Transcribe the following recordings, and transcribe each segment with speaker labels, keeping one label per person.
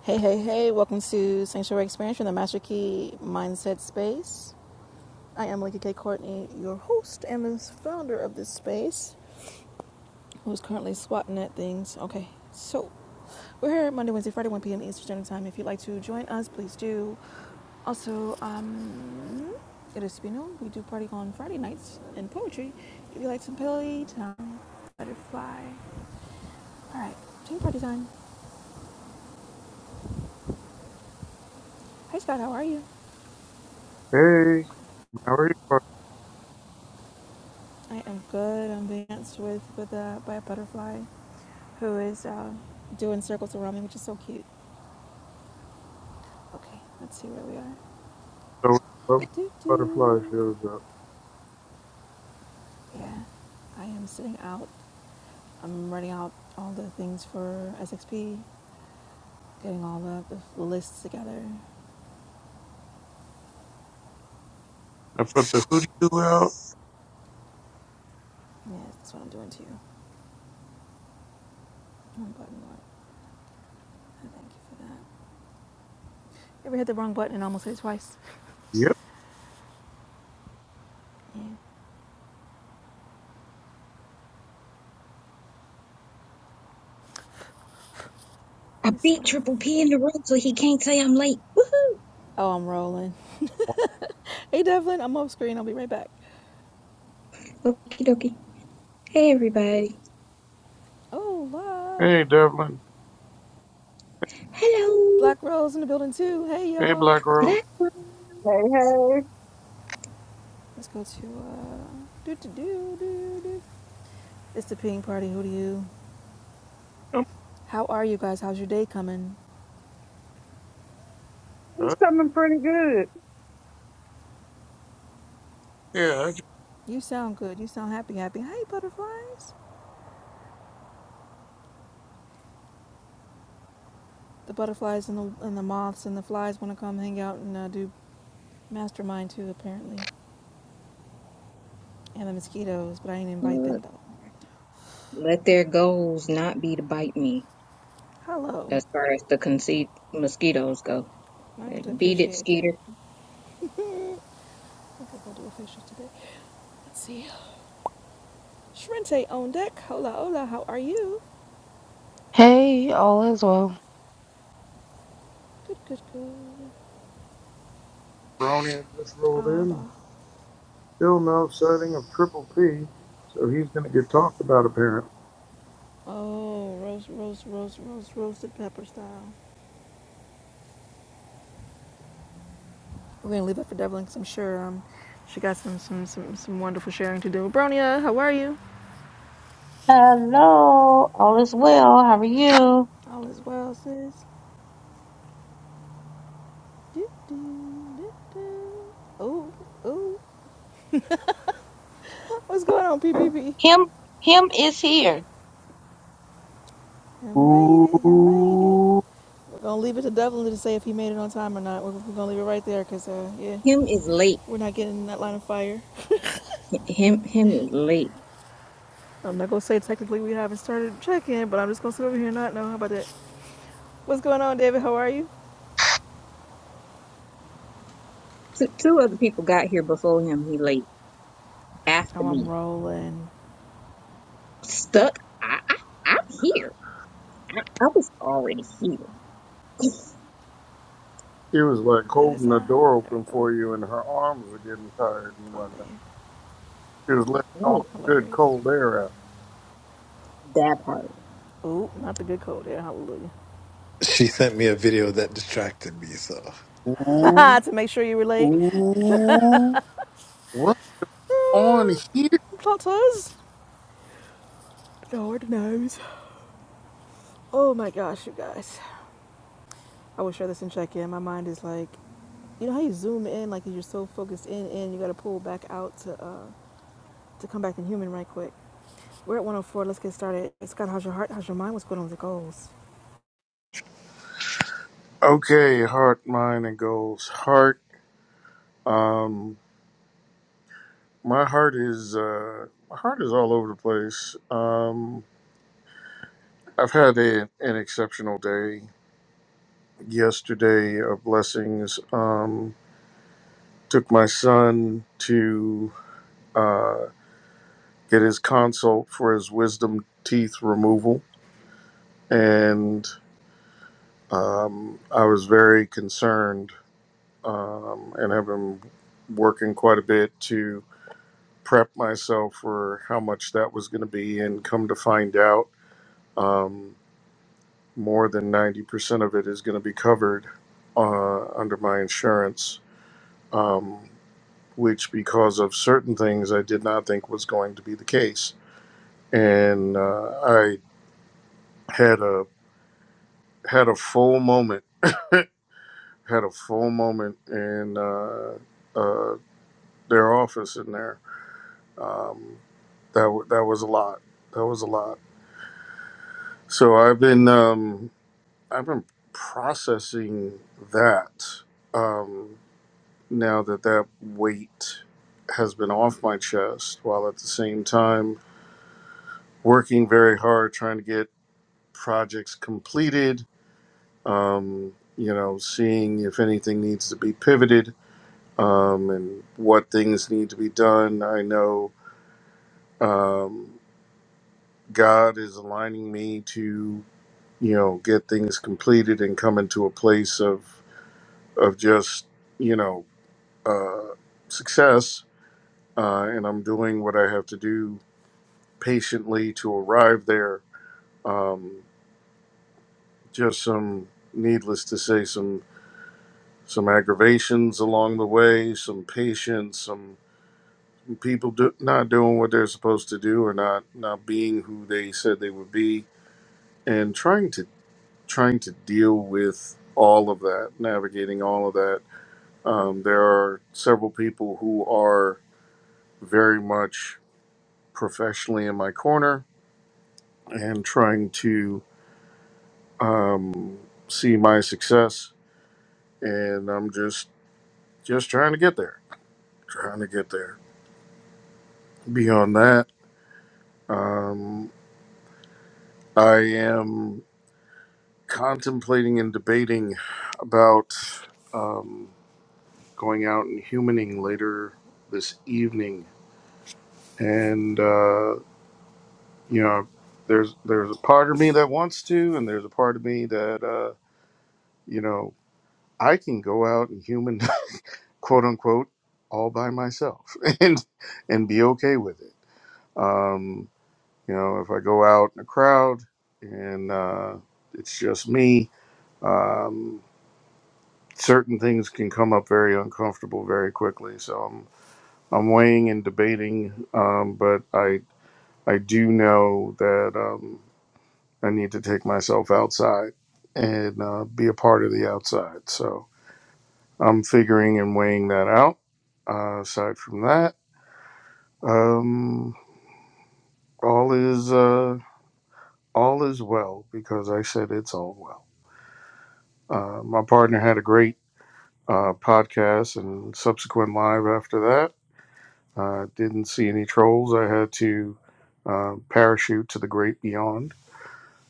Speaker 1: Hey, hey, hey, welcome to Sanctuary Experience from the Master Key Mindset Space. I am Lincoln K. Courtney, your host and the founder of this space, who's currently swatting at things. Okay, so we're here Monday, Wednesday, Friday, 1 p.m. Eastern Standard Time. If you'd like to join us, please do. Also, um, it is to be known, we do party on Friday nights and poetry. If you like some playtime, butterfly. All right, team party time. Hey, Scott, how are you?
Speaker 2: Hey, how are you?
Speaker 1: I am good. I'm being danced with with a, by a butterfly who is uh, doing circles around me, which is so cute. Okay, let's see where we are.
Speaker 2: Butterfly? So, bu-
Speaker 1: Doo
Speaker 2: Butterfly
Speaker 1: doo.
Speaker 2: shows up.
Speaker 1: Yeah, I am sitting out. I'm writing out all the things for SXP, getting all the, the lists together.
Speaker 2: I put the hoodie do out.
Speaker 1: Yeah, that's what I'm doing to you. One button, Lord. I thank you for that. Ever hit the wrong button and almost hit it twice?
Speaker 2: Yep.
Speaker 1: Yeah,
Speaker 3: I
Speaker 1: this
Speaker 3: beat
Speaker 1: little.
Speaker 3: Triple P in the room so he can't say I'm late. Woohoo!
Speaker 1: Oh, I'm rolling. Hey, Devlin, I'm off screen. I'll be right back.
Speaker 3: Okie dokie. Hey everybody.
Speaker 1: Oh, love.
Speaker 2: Hey, Devlin.
Speaker 3: Hello,
Speaker 1: Black Rose in the building too. Hey
Speaker 2: Hey,
Speaker 1: y'all.
Speaker 2: Black Rose.
Speaker 3: Black one.
Speaker 4: Hey, hey,
Speaker 1: Let's go to uh do do do do do. It's the ping party. Who do you?
Speaker 2: Um,
Speaker 1: How are you guys? How's your day coming?
Speaker 4: I'm
Speaker 2: uh,
Speaker 4: coming pretty good.
Speaker 2: yeah, I just
Speaker 1: You sound good. You sound happy. Happy. Hey butterflies. The butterflies and the and the moths and the flies want to come hang out and uh, do mastermind too apparently, and the mosquitoes. But I ain't invite them though.
Speaker 3: let their goals not be to bite me
Speaker 1: Hello.
Speaker 3: as far as the conceit mosquitoes go.
Speaker 1: I could
Speaker 3: Beat it,
Speaker 1: appreciate that.
Speaker 3: Skeeter.
Speaker 1: I could go do official today. Let's see. Shrente on deck. Hola, hola. How are you?
Speaker 5: Hey, all is well.
Speaker 1: Good, good, good.
Speaker 2: brony had just rolled
Speaker 1: Abba.
Speaker 2: in. Still no sighting of Triple P, so he's gonna get talked about apparently.
Speaker 1: Oh, roast, roast, roast, roast, roasted pepper style. We're gonna leave that for Devlin because I'm sure um, she got some, some, some, some wonderful sharing to do. Bronya, how are you?
Speaker 6: Hello, all is well. How are you?
Speaker 1: All is well, sis. Do, do, do, do. Oh, oh. What's going on, PPP?
Speaker 6: Him, him is here.
Speaker 1: He made it. He made it.
Speaker 2: Ooh.
Speaker 1: We're gonna leave it to Devlin to say if he made it on time or not. We're, we're gonna leave it right there because, uh, yeah,
Speaker 3: Him is late.
Speaker 1: we're not getting in that line of fire.
Speaker 3: H- Him him is late.
Speaker 1: I'm not gonna say technically we haven't started check-in, but I'm just gonna sit over here and not know. How about that? What's going on, David? How are you?
Speaker 3: Two, two other people got here before him. He late after
Speaker 1: Oh, I'm
Speaker 3: me.
Speaker 1: rolling.
Speaker 3: Stuck. I, I I'm here. I, I was already here.
Speaker 2: She was like
Speaker 1: That is
Speaker 2: holding the
Speaker 1: I.
Speaker 2: door
Speaker 1: There we
Speaker 2: open
Speaker 1: go.
Speaker 2: for you, and her arms were getting tired and
Speaker 1: Thumb
Speaker 2: whatnot.
Speaker 1: in.
Speaker 2: She was letting all
Speaker 3: Right.
Speaker 2: the good
Speaker 1: Hilarious.
Speaker 2: cold air out.
Speaker 3: That part.
Speaker 1: Ooh, not the good code there. Hallelujah.
Speaker 7: She sent me a video that distracted me. So,
Speaker 2: Ooh.
Speaker 1: to make sure you relate.
Speaker 2: Ooh. What's on
Speaker 1: Ah,
Speaker 2: here?
Speaker 1: Plot twist. Lord knows. Oh my gosh, you guys. I will share this and check in. My mind is like, you know how you zoom in, like you're so focused in, and you got to pull back out to uh to come back in human right quick. We're at 104. Let's get started. Scott, how's your heart? How's your mind? What's going on with your goals?
Speaker 2: Okay, heart, mind, and goals. Heart. Um, my heart is uh, my heart is all over the place. Um, I've had a, an exceptional day. Yesterday, of blessings. Um, took my son to uh, get his consult for his wisdom teeth removal, and um, I was very concerned um, and have been working quite a bit to prep myself for how much that was going to be, and come to find out, um, more than 90% of it is going to be covered uh, under my insurance, um, which, because of certain things, I did not think was going to be the case. And uh, I had a had a full moment, had a full moment in uh, uh, their office in there. Um, that wa- that was a lot. That was a lot. So I've been. Um, I've been processing that um, now that that weight has been off my chest, while at the same time working very hard trying to get projects completed. Um, you know, seeing if anything needs to be pivoted um, and what things need to be done. I know um, God is aligning me to you know get things completed and come into a place of of just you know uh, success, uh, and I'm doing what I have to do patiently to arrive there. Um, just some, needless to say, some some aggravations along the way, some patience, some people do, not doing what they're supposed to do, or not not being who they said they would be, and trying to trying to deal with all of that, navigating all of that. Um, there are several people who are very much professionally in my corner and trying to um, see my success. And I'm just just trying to get there, trying to get there. Beyond that, um, I am contemplating and debating about um, going out and humaning later this evening. And uh, you know, there's there's a part of me that wants to, and there's a part of me that uh, you know I can go out and human quote unquote all by myself and and be okay with it um you know if i go out in a crowd and uh it's just me um certain things can come up very uncomfortable very quickly so i'm i'm weighing and debating um but i i do know that um i need to take myself outside and uh, be a part of the outside so i'm figuring and weighing that out uh, aside from that um, All is uh, all is well because I said it's all well. Uh, my partner had a great uh, podcast and subsequent live after that. Uh, didn't see any trolls. I had to uh, parachute to the great beyond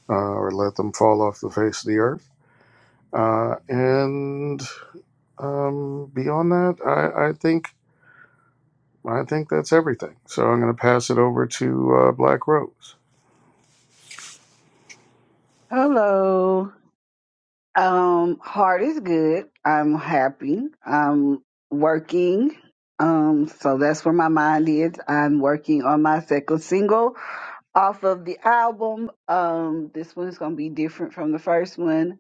Speaker 2: uh, or let them fall off the face of the earth. Uh, and um, beyond that, I, I think I think that's everything. So I'm going to pass it over to uh, Black Rose.
Speaker 4: Hello. Um, heart is good. I'm happy. I'm working. Um, so that's where my mind is. I'm working on my second single. off of the album. Um, this one's gonna be different from the first one.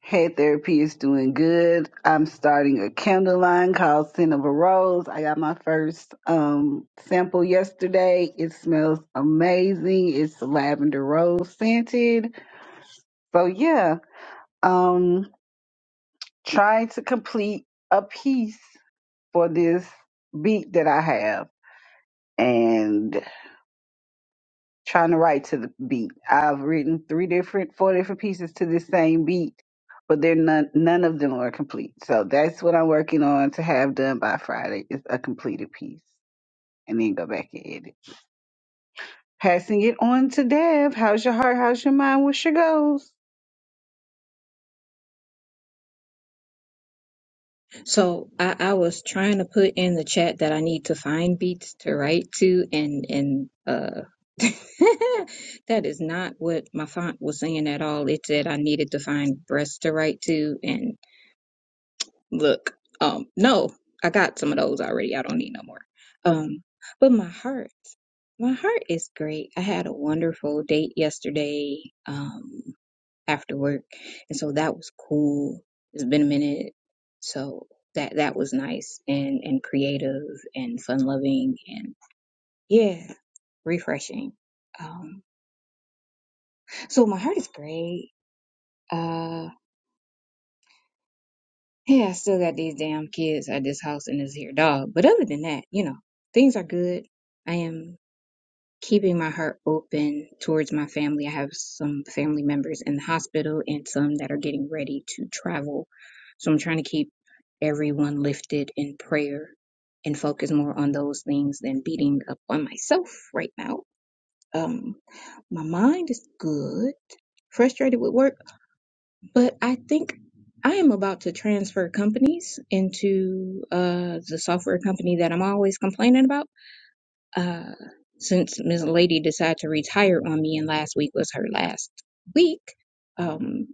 Speaker 4: Head therapy is doing good. I'm starting a candle line called Scent of a Rose. I got my first um sample yesterday. It smells amazing. It's lavender rose scented. So yeah, um trying to complete a piece for this beat that I have. And trying to write to the beat. I've written three different, four different pieces to this same beat, but they're none, none of them are complete. So that's what I'm working on to have done by Friday is a completed piece and then go back and edit. Passing it on to Dev. How's your heart? How's your mind? What's your goals?
Speaker 3: So I, I was trying to put in the chat that I need to find beats to write to, and and uh, that is not what my font was saying at all. It said I needed to find breasts to write to, and look, um, no, I got some of those already. I don't need no more. Um, but my heart, my heart is great. I had a wonderful date yesterday. Um, after work. And so that was cool. It's been a minute. So that that was nice and and creative and fun loving and yeah, refreshing. Um so my heart is great. Uh yeah, I still got these damn kids at this house and this here dog. But other than that, you know, things are good. I am keeping my heart open towards my family. I have some family members in the hospital and some that are getting ready to travel. So I'm trying to keep everyone lifted in prayer and focus more on those things than beating up on myself right now. Um, my mind is good, frustrated with work, but I think I am about to transfer companies into uh, the software company that I'm always complaining about uh, since Miss Lady decided to retire on me, and last week was her last week, um,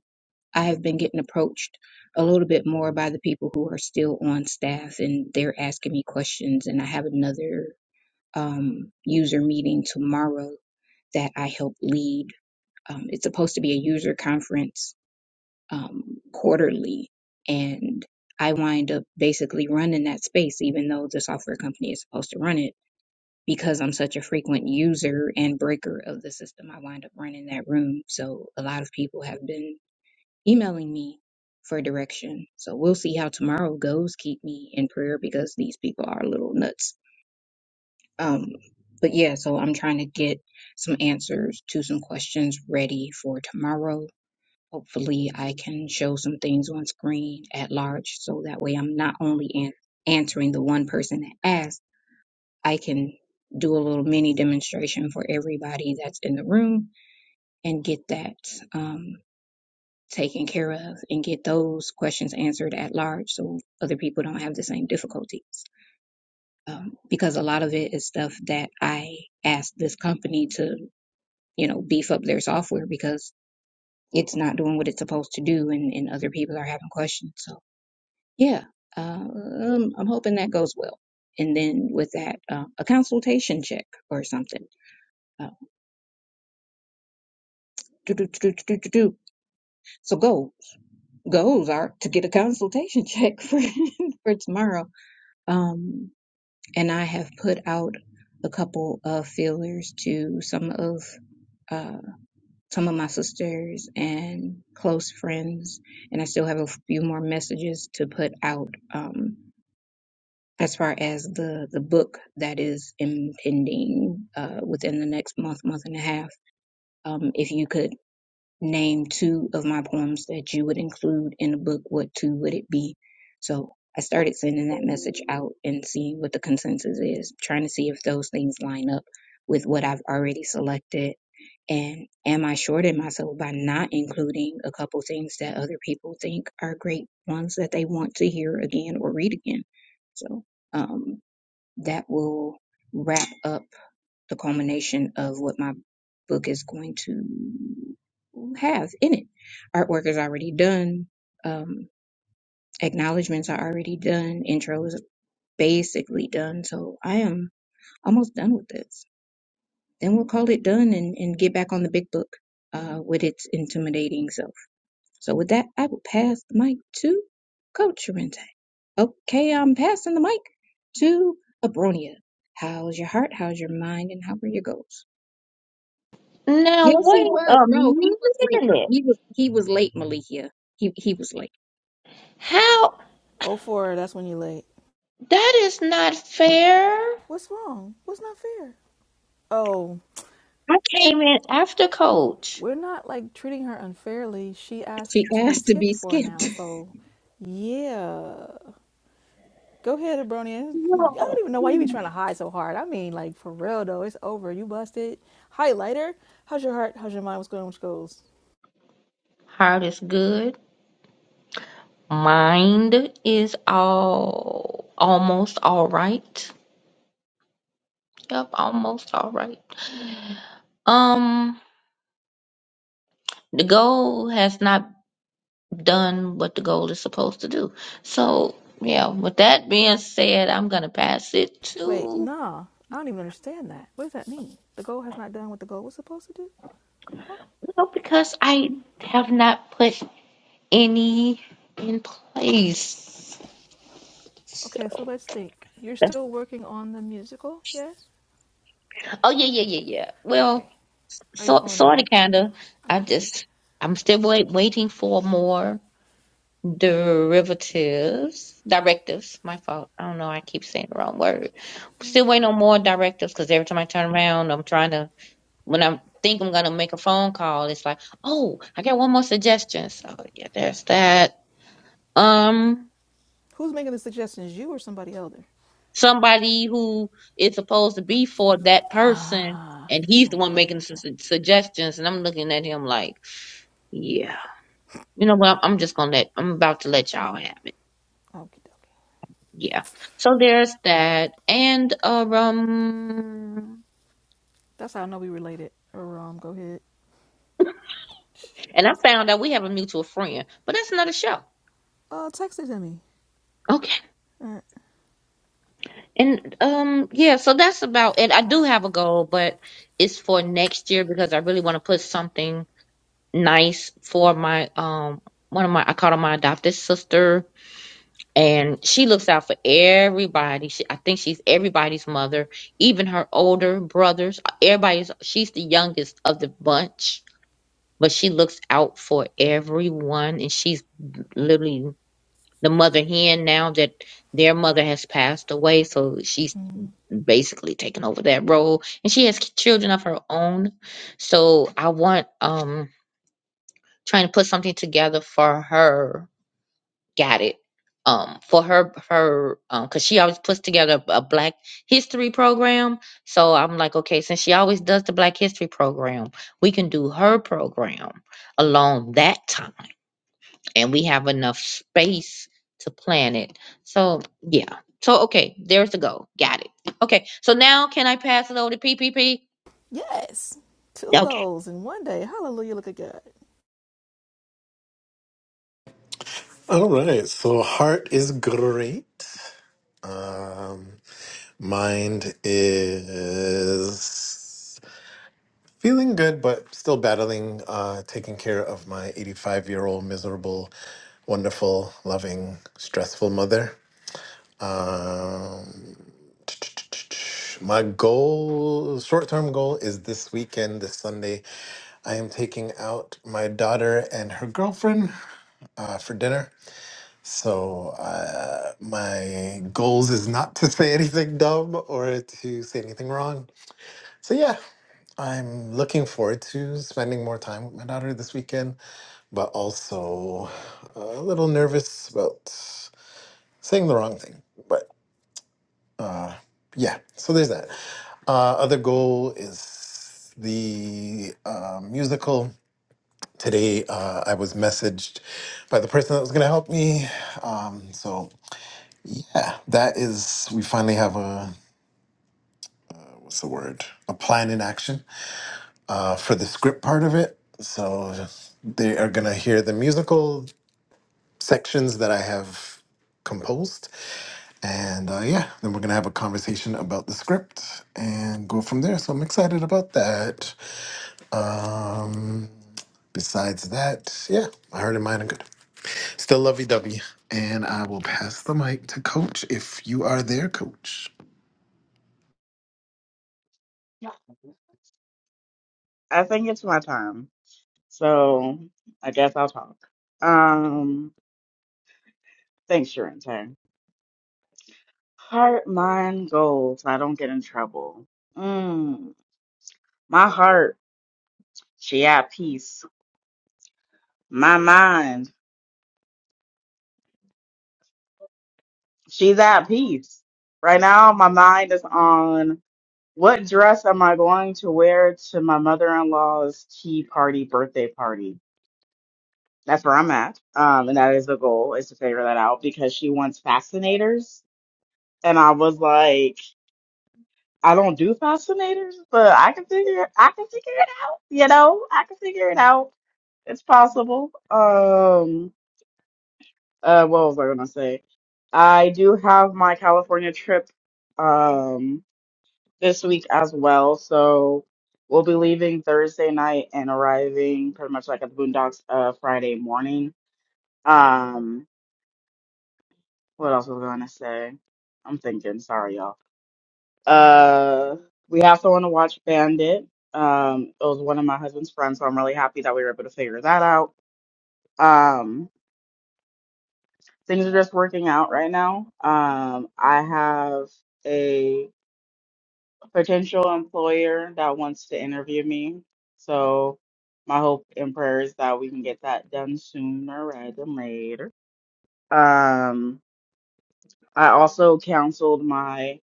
Speaker 3: I have been getting approached a little bit more by the people who are still on staff, and they're asking me questions. And I have another um, user meeting tomorrow that I help lead. Um, it's supposed to be a user conference um, quarterly, and I wind up basically running that space, even though the software company is supposed to run it because I'm such a frequent user and breaker of the system, I wind up running that room. So a lot of people have been emailing me for direction. So we'll see how tomorrow goes. Keep me in prayer because these people are a little nuts. Um, but yeah, so I'm trying to get some answers to some questions ready for tomorrow. Hopefully, I can show some things on screen at large so that way I'm not only an- answering the one person that asked I can do a little mini demonstration for everybody that's in the room and get that um, taken care of and get those questions answered at large so other people don't have the same difficulties. Um, because a lot of it is stuff that I asked this company to, you know, beef up their software because it's not doing what it's supposed to do and, and other people are having questions. So, yeah, uh, um, I'm hoping that goes well. And then with that, uh, a consultation check or something Do, do, do, do, do, do, do. So go, goals are to get a consultation check for, for tomorrow. Um, and I have put out a couple of feelers to some of uh, some of my sisters and close friends, and I still have a few more messages to put out um, as far as the the book that is impending uh, within the next month, month and a half. Um, if you could name two of my poems that you would include in the book, what two would it be? So I started sending that message out and seeing what the consensus is, trying to see if those things line up with what I've already selected. And am I shorting myself by not including a couple things that other people think are great ones that they want to hear again or read again? So um, that will wrap up the culmination of what my book is going to have in it. Artwork is already done. Um, acknowledgments are already done. Intro is basically done. So I am almost done with this. Then we'll call it done and, and get back on the big book uh, with its intimidating self. So with that, I will pass the mic to Coach Rente. Okay, I'm passing the mic to Abronia. How's your heart? How's your mind? And how are your goals?
Speaker 6: Now
Speaker 3: Yes, he
Speaker 6: wait
Speaker 3: was.
Speaker 6: a
Speaker 3: No, he was late.
Speaker 6: minute.
Speaker 3: He was he was late, Malikia. He he was late.
Speaker 6: How?
Speaker 1: oh 04, that's when you're late.
Speaker 6: That is not fair.
Speaker 1: What's wrong? What's not fair? Oh,
Speaker 6: I came in after Coach.
Speaker 1: we're not like treating her unfairly. She
Speaker 3: She
Speaker 1: asked to be
Speaker 3: asked to
Speaker 1: skipped
Speaker 3: be
Speaker 1: for
Speaker 3: skipped.
Speaker 1: now, so yeah. Go ahead, Abronia. I don't
Speaker 6: No.
Speaker 1: even know why you be trying to hide so hard. I mean, like for real though, it's over. You busted. Highlighter. How's your heart? How's your mind? What's going on with your goals?
Speaker 6: Heart is good. Mind is all almost all right. Yep, almost all right. Um, the goal has not. done what the goal is supposed to do. So, yeah, with that being said, I'm going to pass it
Speaker 1: Wait,
Speaker 6: to,
Speaker 1: nah. I don't even understand that. What does that mean? The goal has not done what the goal was supposed to do? Huh?
Speaker 6: no, because I have not put any in place. So,
Speaker 1: Okay, so let's think. You're
Speaker 6: that's-
Speaker 1: still working on the musical, yes?
Speaker 6: oh, yeah, yeah, yeah, yeah. Well,
Speaker 1: Okay. Or,
Speaker 6: so,
Speaker 1: or
Speaker 6: sort
Speaker 1: no?
Speaker 6: of, kind of. I
Speaker 1: Okay.
Speaker 6: just, I'm still wait, waiting for more derivatives, directives. My fault. I don't know. I keep saying the wrong word. Still waiting on more directives because every time I turn around, I'm trying to when I think I'm gonna make a phone call, it's like, oh, I got one more suggestion. So yeah, there's that. Um,
Speaker 1: Who's making the suggestions? You or somebody elder?
Speaker 6: somebody who is supposed to be for that person,
Speaker 1: Ah,
Speaker 6: and he's the one
Speaker 1: Okay, okay,
Speaker 6: making su-
Speaker 1: okay.
Speaker 6: su- suggestions, and I'm looking at him like, yeah, you know what? I'm just gonna let. I'm about to let y'all have it.
Speaker 1: Okie dokie.
Speaker 6: Yeah. So there's that, and uh, um,
Speaker 1: That's how I know we related. Or um, go ahead.
Speaker 6: and I found out we have a mutual friend, but that's another show.
Speaker 1: Uh, text it to me. All right.
Speaker 6: And um yeah, so that's about it. I do have a goal, but it's for next year because I really want to put something nice for my um one of my I call her my adopted sister and she looks out for everybody. She, I think she's everybody's mother, even her older brothers. Everybody's she's the youngest of the bunch, but she looks out for everyone and she's literally the mother hen now that their mother has passed away, so she's
Speaker 1: Mm-hmm.
Speaker 6: basically taken over that role and she has children of her own so i want um trying to put something together for her got it um for her her um because she always puts together a a black history program so i'm like okay since she always does the black history program we can do her program along that time and we have enough space to plan it. So yeah. So okay, there's the goal. Got it. Okay. So now can I pass it over to PPP?
Speaker 1: Yes. Two
Speaker 6: Okay.
Speaker 1: goals in one day. Hallelujah. Look at God.
Speaker 7: all right. So, heart is great. Um, mind is feeling good, but still battling, uh, taking care of my 85 year old miserable, wonderful, loving, stressful mother. Um, my goal, short term goal, is this weekend, this Sunday. I am taking out my daughter and her girlfriend uh, for dinner. So uh, my goals is not to say anything dumb or to say anything wrong. So yeah, I'm looking forward to spending more time with my daughter this weekend, but also a little nervous about saying the wrong thing. But uh, yeah, so there's that. Uh, other goal is the uh, musical. Today, uh, I was messaged by the person that was going to help me. Um, so Yeah, that is, we finally have a, what's the word? A plan in action uh, for the script part of it. So they are going to hear the musical sections that I have composed. And uh, yeah, then we're going to have a conversation about the script and go from there. So I'm excited about that. Um, besides that, yeah, my heart and mind are good. Still lovey dovey. And I will pass the mic to Coach if you are there, Coach.
Speaker 5: I think it's my time. So I guess I'll talk. Um, thanks, Sharon. Sorry. Heart, mind, goals. I don't get in trouble. Mm, my heart, she at peace. My mind, she's at peace. Right now, my mind is on what dress am I going to wear to my mother-in-law's tea party, birthday party. That's where I'm at. Um, and that is the goal is to figure that out because she wants fascinators. And I was like, I don't do fascinators, but I can figure I can figure it out. You know, I can figure it out. It's possible. Um, uh, what was I gonna say? I do have my California trip um this week as well, so we'll be leaving Thursday night and arriving pretty much like at the Boondocks uh Friday morning. Um, What else was I gonna say? I'm thinking. Sorry, y'all. Uh, we also want to watch Bandit. Um, it was one of my husband's friends, so I'm really happy that we were able to figure that out. Um, things are just working out right now. Um, I have a potential employer that wants to interview me, so my hope and prayer is that we can get that done sooner rather than later. Um, I also counseled my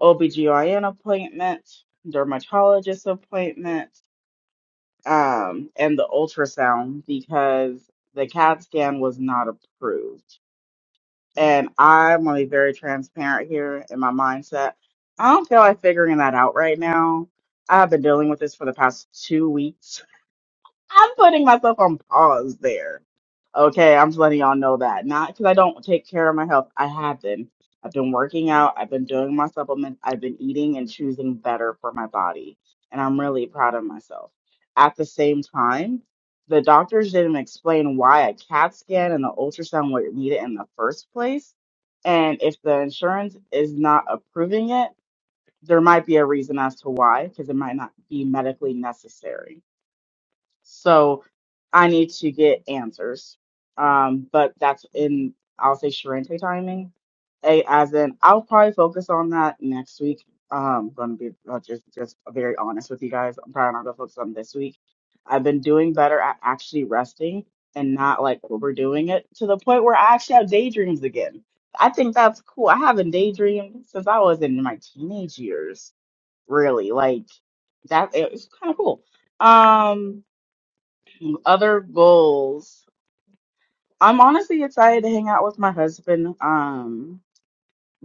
Speaker 5: OBGYN appointment, dermatologist appointment, um, and the ultrasound because the CAT scan was not approved. And I'm gonna be very transparent here in my mindset. I don't feel like figuring that out right now. I've been dealing with this for the past two weeks I'm putting myself on pause there. Okay, I'm just letting y'all know that. Not because I don't take care of my health. I have been. I've been working out. I've been doing my supplements. I've been eating and choosing better for my body. And I'm really proud of myself. At the same time, the doctors didn't explain why a CAT scan and the ultrasound were needed in the first place. And if the insurance is not approving it, there might be a reason as to why, because it might not be medically necessary so I need to get answers. Um, but that's in I'll say Sharente timing. A as in I'll probably focus on that next week. Um, gonna be uh, just just very honest with you guys. I'm probably not gonna focus on this week. I've been doing better at actually resting and not like overdoing it to the point where I actually have daydreams again. I think that's cool. I haven't daydreamed since I was in my teenage years, really. Like that, it it's kind of cool. Um, other goals. I'm honestly excited to hang out with my husband um,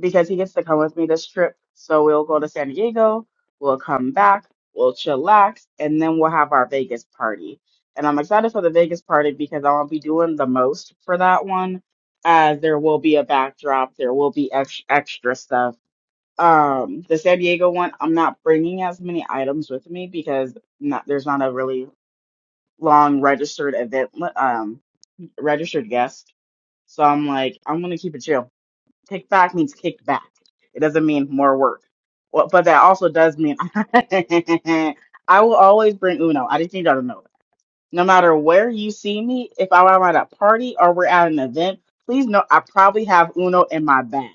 Speaker 5: because he gets to come with me this trip. So we'll go to San Diego, we'll come back, we'll chillax, and then we'll have our Vegas party. And I'm excited for the Vegas party because I won't be doing the most for that one, as there will be a backdrop, there will be ex- extra stuff. Um, the San Diego one, I'm not bringing as many items with me because not, there's not a really long registered event. li- um registered guest. So I'm like, I'm gonna keep it chill. Kick back means kick back. It doesn't mean more work. Well, but that also does mean I will always bring Uno. I just need y'all to know that. No matter where you see me, if I'm at a party or we're at an event, please know I probably have Uno in my bag.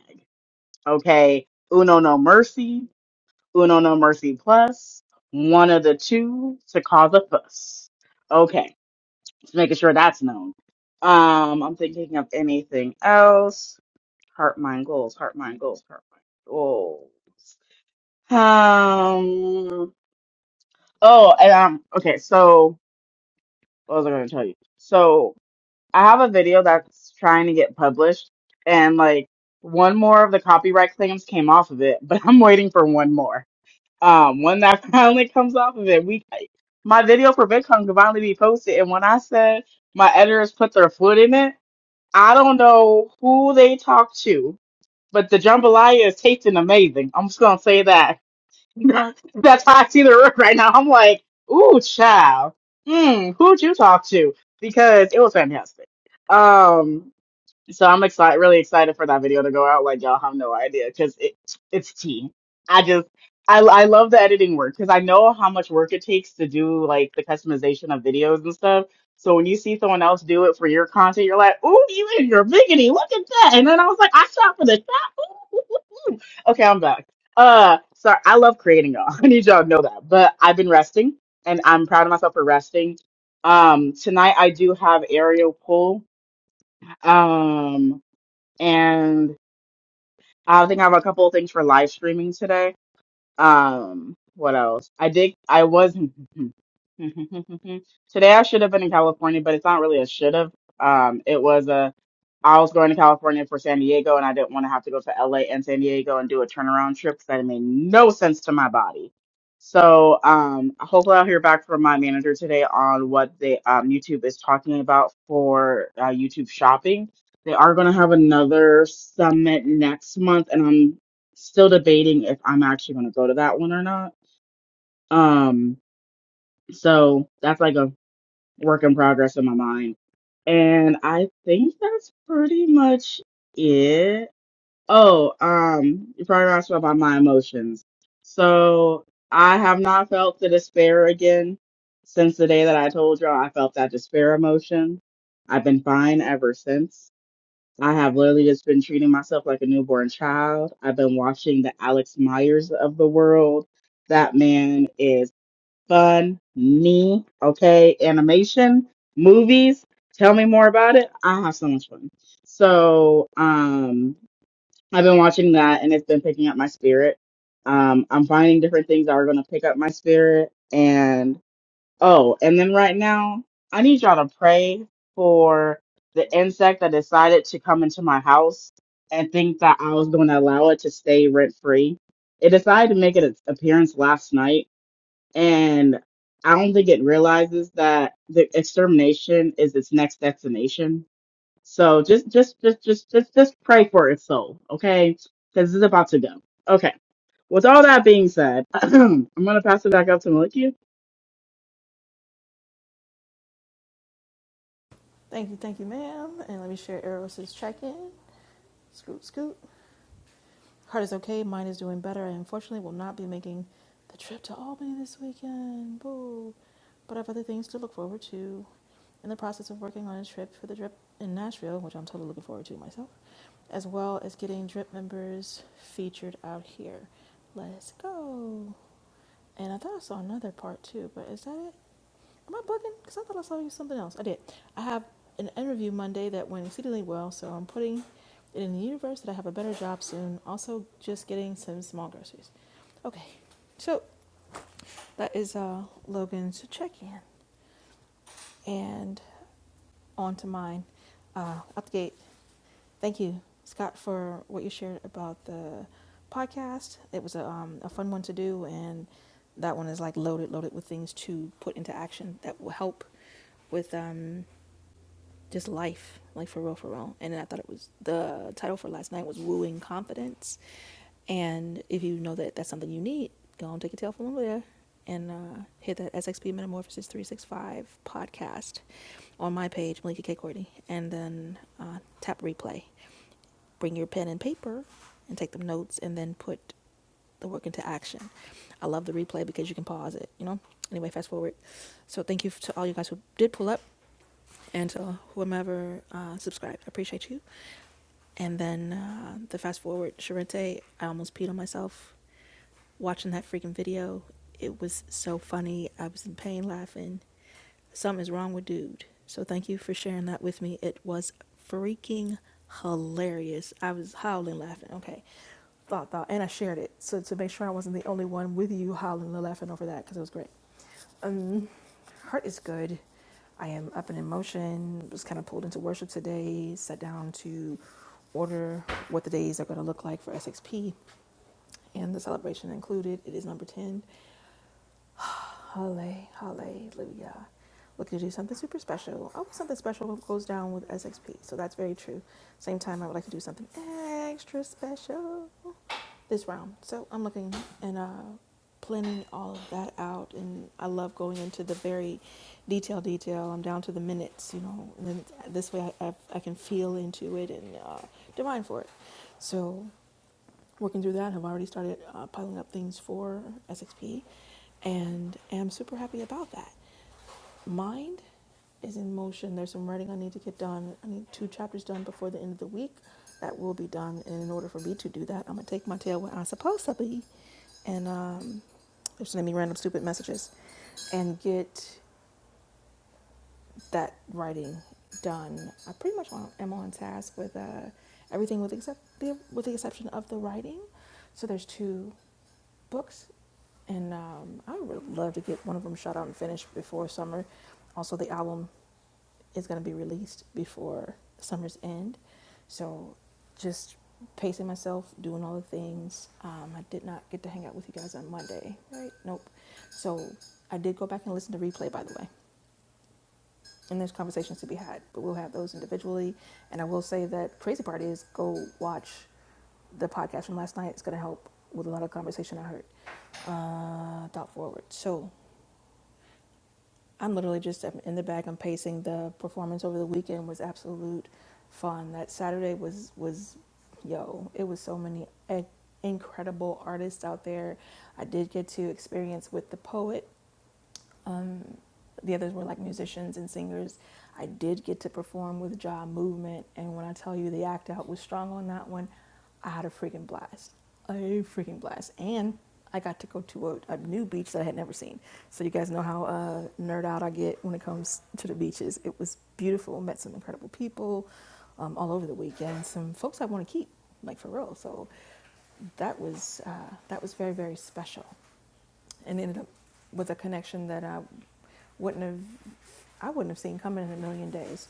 Speaker 5: Okay. Uno no mercy, Uno no mercy plus, one of the two to cause a fuss. Okay making sure that's known. Um, I'm thinking of anything else. Heart, mind, goals. Heart, mind, goals. Heart, mind, goals. Um. Oh, and um. Okay, so what was I going to tell you? So I have a video that's trying to get published, and like one more of the copyright claims came off of it, but I'm waiting for one more. Um, when that finally comes off of it, we my video for VidCon can finally be posted. And when I said my editors put their foot in it. I don't know who they talk to, but the jambalaya is tasting amazing. I'm just gonna say that. That's how I see the room right now. I'm like, ooh, child. Hmm, who'd you talk to? Because it was fantastic. Um, so I'm excited, really excited for that video to go out. Like y'all have no idea, because it it's tea. I just I I love the editing work because I know how much work it takes to do like the customization of videos and stuff. So when you see someone else do it for your content, you're like, "Ooh, you in your biggity, Look at that!" And then I was like, "I shot for the shot." Ooh, ooh, ooh, ooh. Okay, I'm back. Uh, sorry, I love creating y'all. I need y'all to know that. But I've been resting, and I'm proud of myself for resting. Um, tonight I do have aerial pull. Um, and I think I have a couple of things for live streaming today. Um, what else? I did. I was today. I should have been in California, but it's not really a should have. Um, it was a. I was going to California for San Diego, and I didn't want to have to go to LA and San Diego and do a turnaround trip because that made no sense to my body. So, um, hopefully I'll hear back from my manager today on what they um YouTube is talking about for uh, YouTube shopping. They are going to have another summit next month, and I'm Still debating if I'm actually going to go to that one or not. Um, so that's like a work in progress in my mind. And I think that's pretty much it. Oh, um, you probably asked about my emotions. So I have not felt the despair again since the day that I told y'all I felt that despair emotion. I've been fine ever since. I have literally just been treating myself like a newborn child. I've been watching the Alex Myers of the world. That man is funny. Okay. Animation, movies. Tell me more about it. I have so much fun. So, um, I've been watching that and it's been picking up my spirit. Um, I'm finding different things that are going to pick up my spirit. and. Oh, and then right now, I need y'all to pray for the insect that decided to come into my house and think that I was going to allow it to stay rent free. It decided to make its appearance last night, and I don't think it realizes that the extermination is its next destination. So just, just, just, just, just, just pray for its soul, okay? Because it's about to go. Okay. With all that being said, I'm gonna pass it back up to Malikia.
Speaker 1: Thank you, thank you, ma'am. And let me share Eros's check-in. Scoot, scoot. Heart is okay. Mine is doing better. I unfortunately will not be making the trip to Albany this weekend. Boo. But I have other things to look forward to. In the process of working on a trip for the drip in Nashville, which I'm totally looking forward to myself, as well as getting drip members featured out here. Let's go. And I thought I saw another part too, but is that it? Am I bugging? Because I thought I saw you something else. I did. I have an interview Monday that went exceedingly well, so I'm putting it in the universe that I have a better job soon. Also, just getting some small groceries. Okay, so that is uh, Logan's check-in, and on to mine. Uh, out the gate. Thank you, Scott, for what you shared about the podcast. It was a, um, a fun one to do, and that one is like loaded, loaded with things to put into action that will help with. um, just life, like for real, for real. And then I thought it was the title for last night was Wooing Confidence. And if you know that that's something you need, go and take your tail from over there and uh, hit that SXP Metamorphosis 365 podcast on my page, Malika K. Courtney, and then uh, tap replay. Bring your pen and paper and take them notes and then put the work into action. I love the replay because you can pause it, you know? Anyway, fast forward. So thank you to all you guys who did pull up and to whomever uh, subscribed. I appreciate you. And then uh, the fast forward, Charente. I almost peed on myself watching that freaking video. It was so funny. I was in pain laughing. Something's wrong with dude. So thank you for sharing that with me. It was freaking hilarious. I was howling laughing. Okay. Thought, thought. And I shared it. So to make sure I wasn't the only one with you howling and laughing over that because it was great. Um, heart is good. I am up and in motion. Was kind of pulled into worship today. Sat down to order what the days are going to look like for SXP, and the celebration included. It is number ten. Halle, hallelujah. Looking to do something super special. Always something special goes down with SXP, so that's very true. Same time, I would like to do something extra special this round. So I'm looking and uh, planning all of that out. And I love going into the very detail, detail. I'm down to the minutes, you know, and then this way I, I, I can feel into it and uh, divine for it. So working through that, I've already started uh, piling up things for SXP and am super happy about that. Mind is in motion. There's some writing I need to get done. I need two chapters done before the end of the week. That will be done. And in order for me to do that, I'm gonna take my tail where I'm supposed to be and um, they're sending me random stupid messages and get that writing done. I pretty much am on task with uh, everything with except the, with the exception of the writing. So there's two books and um, I would love to get one of them shot out and finished before summer. Also, the album is going to be released before summer's end, so just pacing myself, doing all the things. Um, I did not get to hang out with you guys on Monday, right? Nope. So I did go back and listen to replay, by the way and there's conversations to be had, but we'll have those individually. And I will say that crazy part is go watch the podcast from last night. It's going to help with a lot of conversation I heard. Uh, thought forward. So I'm literally just in the back. I'm pacing. The performance over the weekend was absolute fun. That Saturday was was yo. It was so many eh, incredible artists out there. I did get to experience with the poet um, the others were like musicians and singers. I did get to perform with Jaw Movement, and when I tell you the act out was strong on that one, I had a freaking blast. A freaking blast. And I got to go to a, a new beach that I had never seen. So you guys know how uh, nerd out I get when it comes to the beaches. It was beautiful. Met some incredible people um, all over the weekend. Some folks I want to keep, like for real. So that was uh, that was very very special, and ended up with a connection that I wouldn't have I wouldn't have seen coming in a million days.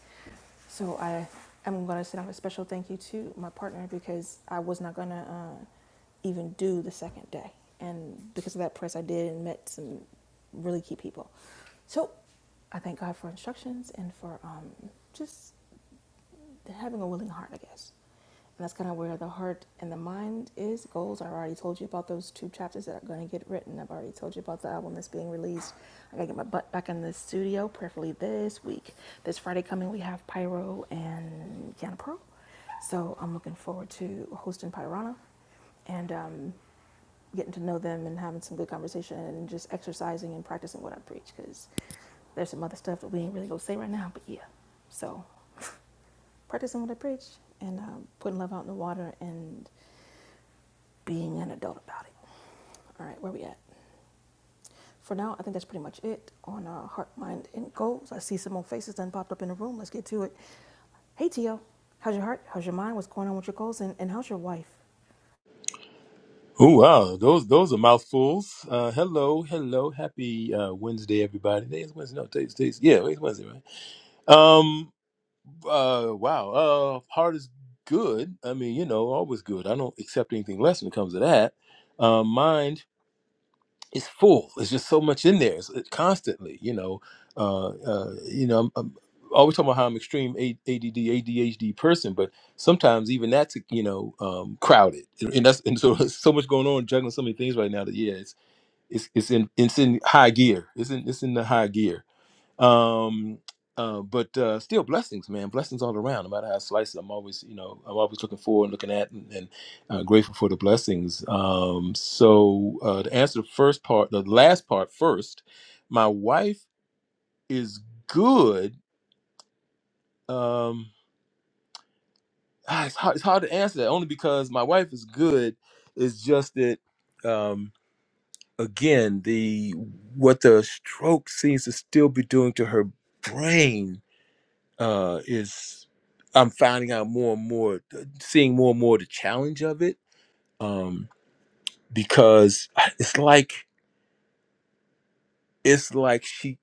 Speaker 1: So I am going to send out a special thank you to my partner because I was not going to uh, even do the second day. And because of that press, I did and met some really key people. So I thank God for instructions and for um, just having a willing heart, I guess. And that's kind of where the heart and the mind is. Goals, I already told you about those two chapters that are going to get written. I've already told you about the album that's being released. I got to get my butt back in the studio, preferably this week. This Friday coming, we have Pyro and Kiana Pearl. So I'm looking forward to hosting Pyrana and um, getting to know them and having some good conversation and just exercising and practicing what I preach because there's some other stuff that we ain't really going to say right now, but yeah. So practicing what I preach and um, putting love out in the water and being an adult about it. All right, where we at? For now, I think that's pretty much it on uh, Heart, Mind, and Goals. I see some more faces that popped up in the room. Let's get to it. Hey, Tio. How's your heart? How's your mind? What's going on with your goals? And, and how's your wife?
Speaker 8: Oh wow, those those are mouthfuls. Uh, hello, hello, happy uh, Wednesday, everybody. Today is Wednesday. No, today's, today's yeah, it's Wednesday, right? Um, uh, wow. Uh, heart is good. I mean, you know, always good. I don't accept anything less when it comes to that. Um, mind it's full. It's just so much in there. It's it- constantly, you know. Uh, uh, you know, I'm, I'm always talking about how I'm extreme A- ADD, ADHD person, but sometimes even that's you know um, crowded, and and that's and so there's so much going on, juggling so many things right now that yeah, it's it's it's in it's in high gear. It's in it's in the high gear um uh, but uh, still blessings man blessings all around no matter how I slice it i'm always you know i'm always looking forward and looking at and, and uh, grateful for the blessings um, so uh, to answer the first part the last part first my wife is good um, ah, it's, hard, it's hard to answer that only because my wife is good it's just that um, again the what the stroke seems to still be doing to her brain uh, is I'm finding out more and more, uh, seeing more and more the challenge of it, um, because it's like it's like she,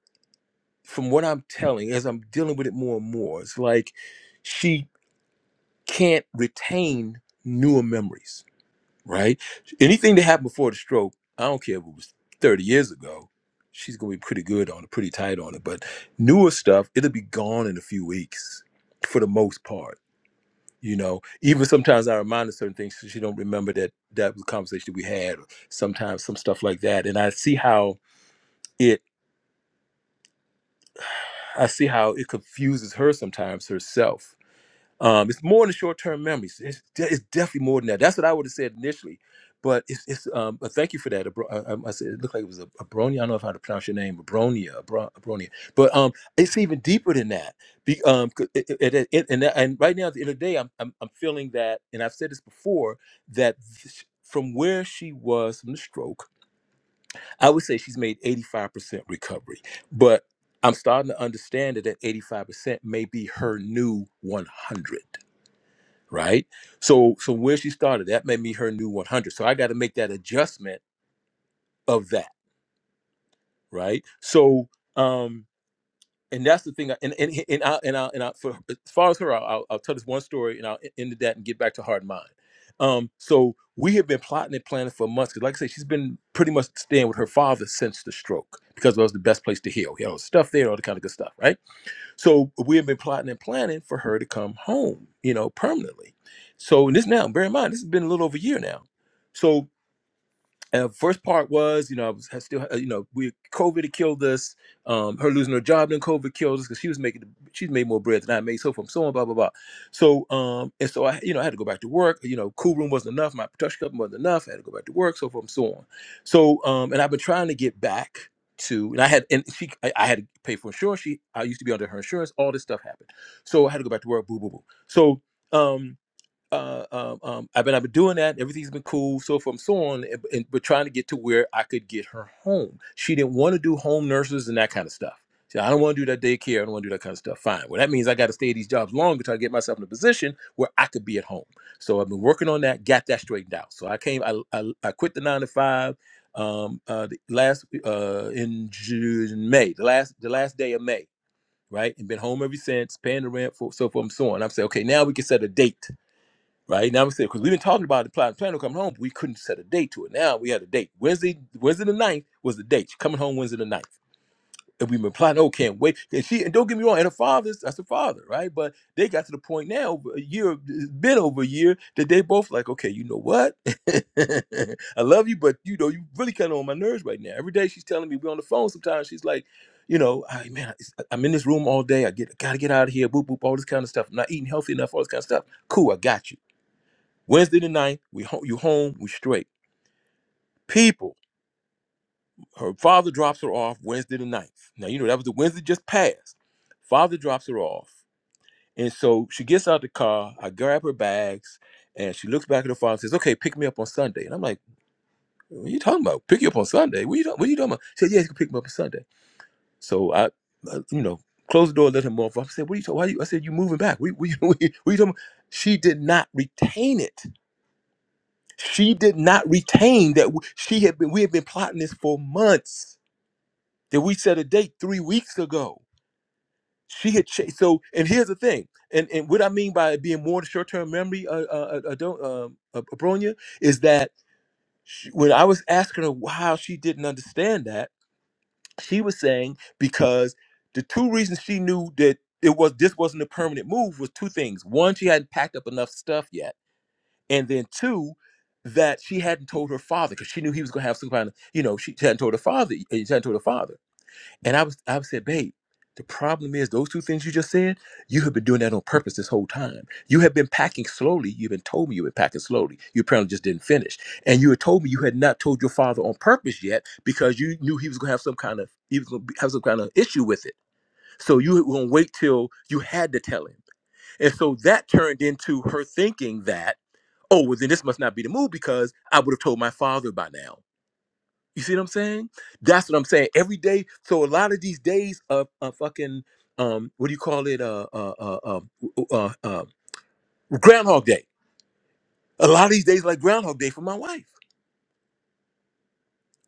Speaker 8: from what I'm telling, as I'm dealing with it more and more, it's like she can't retain newer memories, right? Anything that happened before the stroke, I don't care if it was 30 years ago. She's gonna be pretty good on it, pretty tight on it. But newer stuff, it'll be gone in a few weeks for the most part you know even sometimes i remind her certain things so she don't remember that that was a conversation we had or sometimes some stuff like that and i see how it i see how it confuses her sometimes herself Um, it's more than short term memories. It's, de- it's definitely more than that. That's what I would have said initially. But it's, it's um, but thank you for that. Abro- I, I I said it looked like it was a, Abronia. I don't know if I how to pronounce your name, Abronia, Abro- Abronia. But um, it's even deeper than that. Be, um, 'cause it, it, it, it- and, that- and right now at the end of the day, I'm, I'm I'm feeling that, and I've said this before that th- from where she was from the stroke, I would say she's made 85% recovery. But I'm starting to understand that that 85% may be her new 100 right? So so where she started, that made me her new 100. So I got to make that adjustment of that, right? So um and that's the thing. I- And and and I and I, and I for as far as her, I'll, I'll I'll tell this one story and I'll e- end that and get back to heart and mind. Um, so we have been plotting and planning for months. Cause like I said, she's been pretty much staying with her father since the stroke because that was the best place to heal. You know, stuff there, all the kind of good stuff, right? So we have been plotting and planning for her to come home, you know, permanently. So and this now, bear in mind, this has been a little over a year now. So uh, first part was, you know, I was I still, uh, you know, we COVID had killed us. Um, her losing her job then COVID killed us because she was making, she's made more bread than I made, so forth, so on, blah blah blah. So, um, and so I, you know, I had to go back to work. You know, cool room wasn't enough. My production company wasn't enough. I had to go back to work, so forth, so on. So, um, and I've been trying to get back to, and I had, and she, I, I had to pay for insurance. She, I used to be under her insurance. All this stuff happened, so I had to go back to work. Boo boo boo. So. Um, uh, um, um, I've been I've been doing that. Everything's been cool, so forth and so on. And, and but trying to get to where I could get her home. She didn't want to do home nurses and that kind of stuff. She said, I don't want to do that daycare. I don't want to do that kind of stuff. Fine. Well, that means I got to stay at these jobs longer to try get myself in a position where I could be at home. So I've been working on that. Got that straightened out. So I came. I I, I quit the nine to five. Um, uh, the last uh in June, May, the last the last day of May, right, and been home ever since, paying the rent for so forth and so on. I'm saying, okay, now we can set a date right? Now I'm saying because we've been talking about the plan, plan to come home, but we couldn't set a date to it. Now we had a date. Wednesday, Wednesday the ninth was the date. She coming home Wednesday the ninth. And we've been planning, oh, can't wait. And she, and don't get me wrong, and her father's that's her father, right? But they got to the point now, over a year, it's been over a year, that they both like, okay, you know what? I love you, but you know, you really kind of on my nerves right now. Every day she's telling me we're on the phone. Sometimes she's like, you know, I, man, it's- I'm in this room all day. I get gotta get out of here, boop boop, all this kind of stuff. I'm not eating healthy enough, all this kind of stuff. Cool, I got you Wednesday the ninth, we ho- you home, we straight. People, her father drops her off Wednesday the ninth. Now, you know, that was the Wednesday just passed. Father drops her off. And so she gets out the car. I grab her bags and she looks back at her father and says, Okay, pick me up on Sunday. And I'm like, What are you talking about? Pick you up on Sunday? What are you, ta- what are you talking about? She said, Yeah, you can pick me up on Sunday. So I, uh, you know, close the door, let him off. I said, What are you talking why you I said, You moving back. We, what are you what are you talking about? She did not retain it She did not retain that w- she had been. We had been plotting this for months. That we set a date three weeks ago. She had cha- so. And here's the thing. And and what I mean by it being more short term memory, uh, uh, uh, uh, don't, um, uh, Abronia, is that she, when I was asking her why she didn't understand that, she was saying because the two reasons she knew that it was this wasn't a permanent move was two things. One, she hadn't packed up enough stuff yet and then two that she hadn't told her father because she knew he was going to have sleep on you know she hadn't told her father eh, she hadn't told her father and i was i said babe the problem is those two things you just said you have been doing that on purpose this whole time you have been packing slowly you've been told me you've been packing slowly you apparently just didn't finish and you had told me you had not told your father on purpose yet because you knew he was going to have some kind of he was going to have some kind of issue with it so you were going to wait till you had to tell him and so that turned into her thinking that oh well then this must not be the move because i would have told my father by now you see what i'm saying that's what i'm saying every day so a lot of these days of, of fucking um what do you call it uh uh uh, uh, uh, uh um, groundhog day a lot of these days like groundhog day for my wife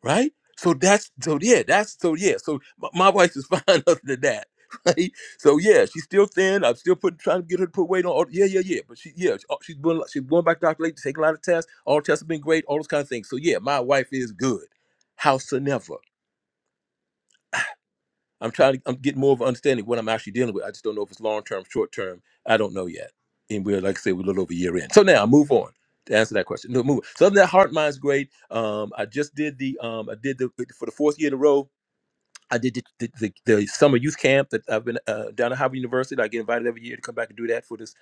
Speaker 8: right? So that's so yeah, that's so yeah. So my, my wife is fine other than that, right? So yeah, she's still thin. I'm still putting trying to get her to put weight on. All, yeah, yeah, yeah. But she yeah, she- oh, she's going she's going back to Dr. Lake, taking a lot of tests. All the tests have been great. All those kind of things. So yeah, my wife is good. Howsoever, I'm trying to I'm getting more of an understanding of what I'm actually dealing with. I just don't know if it's long term, short term. I don't know yet. And we're like I said, we're a little over a year in. So now move on to answer that question. No, move. On. So other than that heart mind's great. Um, I just did the um, I did the for the fourth year in a row. I did the, the, the, the summer youth camp that I've been uh, down at Howard University. I get invited every year to come back and do that for this.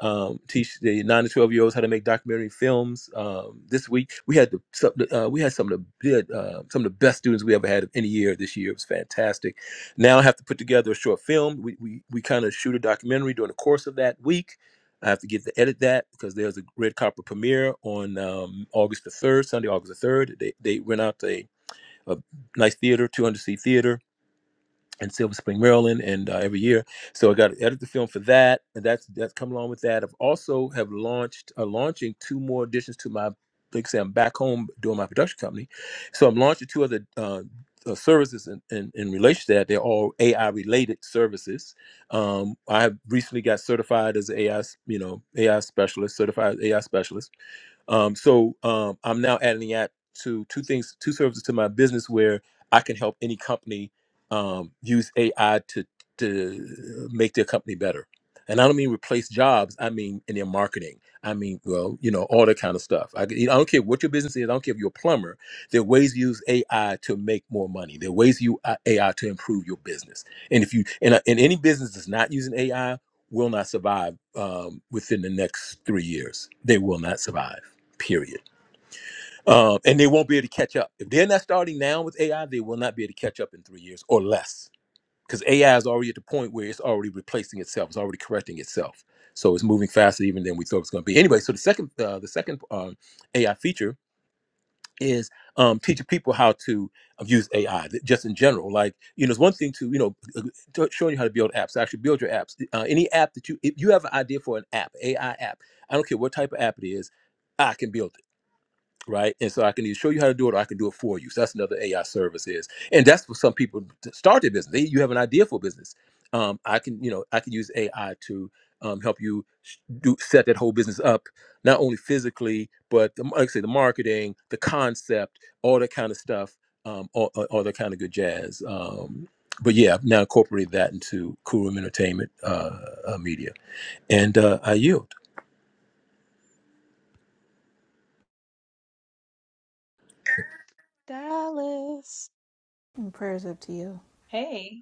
Speaker 8: Um, teach the nine to twelve year olds how to make documentary films. Um, this week we had the some- uh, we had some of the bid, uh, some of the best students we ever had of any year this year. It was fantastic. Now I have to put together a short film. We we, we kind of shoot a documentary during the course of that week. I have to get to edit that because there's a Red carpet premiere on um, August the third, Sunday, August the third. They they rent out a, a nice theater, 200 seat theater in Silver Spring, Maryland, and uh, every year. So I got to edit the film for that, and that's that's coming along with that. I've also have launched uh, launching two more additions to my like I say I'm back home doing my production company, so I'm launching two other. Uh, uh, services in, in, in relation to that they're all ai related services um, i have recently got certified as ai s- you know ai specialist certified ai specialist um, so um, I'm now adding the app to two things, two services to my business where I can help any company um, use AI to to make their company better. And I don't mean replace jobs. I mean in their marketing. I mean, well, you know, all that kind of stuff. I, you know, I don't care what your business is. I don't care if you're a plumber. There are ways to use AI to make more money. There are ways to use AI to improve your business. And if you and, uh, and any business that's not using AI will not survive um, within the next three years. They will not survive period. Um, and they won't be able to catch up. If they're not starting now with AI, they will not be able to catch up in three years or less because AI is already at the point where it's already replacing itself, it's already correcting itself. So it's moving faster even than we thought it was going to be. Anyway, so the second uh, the second um, AI feature is um, teaching people how to uh, use AI th- just in general. Like you know, it's one thing to you know uh, to- showing you how to build apps. Actually, build your apps. Uh, any app that you if you have an idea for an app, AI app. I don't care what type of app it is. I can build it right? And so I can either show you how to do it or I can do it for you. So that's another AI service is. And that's for some people to start their business. They, you have an idea for a business. Um, I can, you know, I can use AI to um, help you sh- do set that whole business up, not only physically, but the, like I say, the marketing, the concept, all that kind of stuff, um, all, all all that kind of good jazz. Um, but yeah, I've now incorporated that into Cool Room Entertainment uh, uh, Media, and uh, I yield.
Speaker 5: Dallas.
Speaker 1: Mm, Prayers up to you.
Speaker 9: Hey,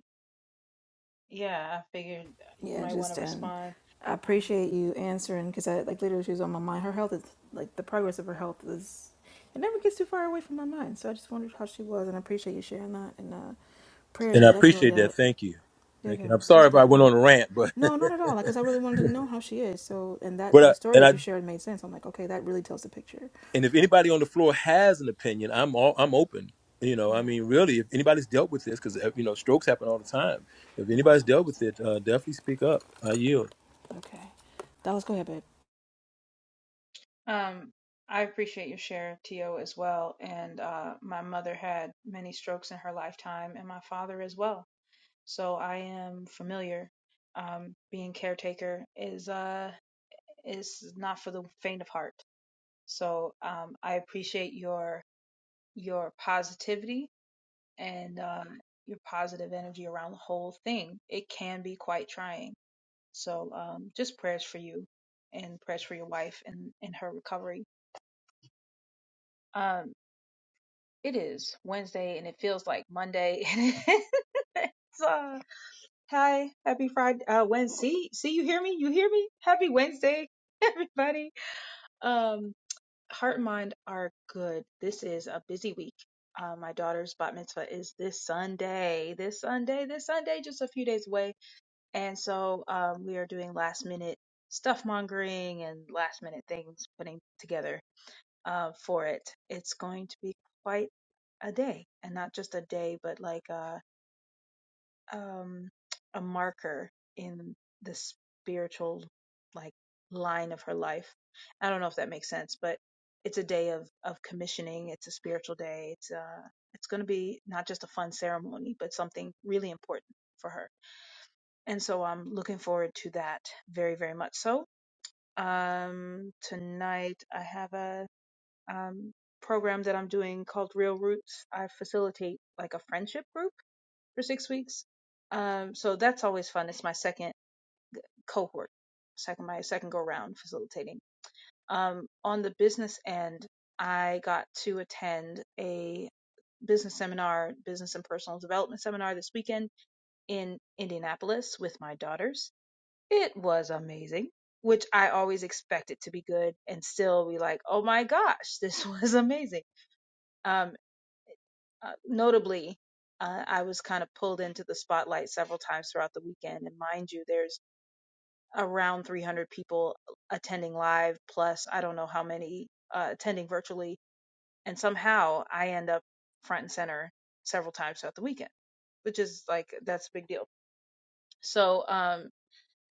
Speaker 9: yeah, I figured uh, you
Speaker 1: Yeah,
Speaker 9: might want to
Speaker 1: just, um,
Speaker 9: respond.
Speaker 1: I
Speaker 9: Um,
Speaker 1: appreciate you answering because I, like, literally, she was on my mind. Her health is, like, the progress of her health is, it never gets too far away from my mind. So I just wondered how she was, and I appreciate you sharing that. And uh, prayers
Speaker 8: And
Speaker 1: are
Speaker 8: I
Speaker 1: definitely
Speaker 8: appreciate that.
Speaker 1: up.
Speaker 8: Thank you.
Speaker 1: Yeah,
Speaker 8: Thank
Speaker 1: yeah.
Speaker 8: you. I'm sorry
Speaker 1: Prayers are
Speaker 8: if I
Speaker 1: definitely
Speaker 8: went
Speaker 1: help.
Speaker 8: on a rant, but
Speaker 1: No, not at all. Like, cause I really wanted to know how she is. So, and that
Speaker 8: But I,
Speaker 1: the story
Speaker 8: and I
Speaker 1: that you shared made sense. I'm like, okay, that really tells the picture.
Speaker 8: and if anybody on the floor has an opinion, I'm all I'm open. You
Speaker 1: Yeah.
Speaker 8: know, I mean, really, if anybody's dealt with this, because you know, strokes happen all the time. If
Speaker 1: And
Speaker 8: anybody's
Speaker 1: that's what I
Speaker 8: dealt
Speaker 1: was
Speaker 8: with it, uh,
Speaker 1: thinking.
Speaker 8: definitely speak up. I yield.
Speaker 1: Okay. Dallas, go ahead, babe.
Speaker 9: um, I appreciate your share, Tio, as well. And uh, my mother had many strokes in her lifetime, and my father as well. So I am familiar. Um, being caretaker is uh is not for the faint of heart. So um, I appreciate your your positivity and uh, your positive energy around the whole thing. It can be quite trying So um, just prayers for you and prayers for your wife and, and her recovery. Um, it is Wednesday and it feels like Monday. And it's, uh, hi, happy Friday. Uh, Wednesday. See, see, you hear me? You hear me? Happy Wednesday, everybody. Um, heart and mind are good. This is a busy week. Uh, my daughter's bat mitzvah is this Sunday. This Sunday, this Sunday, just a few days away And so um, we are doing last minute stuff mongering and last minute things putting together uh, for it. It's going to be quite a day, and not just a day, but like a um, a marker in the spiritual like line of her life. I don't know if that makes sense, but it's a day of of commissioning. It's a spiritual day. It's uh it's going to be not just a fun ceremony, but something really important for her and so I'm looking forward to that very, very much so. Um, tonight I have a um, program that I'm doing called Real Roots. I facilitate like a friendship group for six weeks. Um, so that's always fun. It's my second cohort, second my second go round facilitating. Um, on the business end, I got to attend a business seminar, business and personal development seminar this weekend in Indianapolis with my daughters it was amazing, which I always expect it to be good and still be like, oh my gosh, this was amazing. Um, uh, notably, uh, I was kind of pulled into the spotlight several times throughout the weekend. And mind you, there's around 300 people attending live, plus I don't know how many uh, attending virtually. And somehow I end up front and center several times throughout the weekend, which is like, that's a big deal. So, um,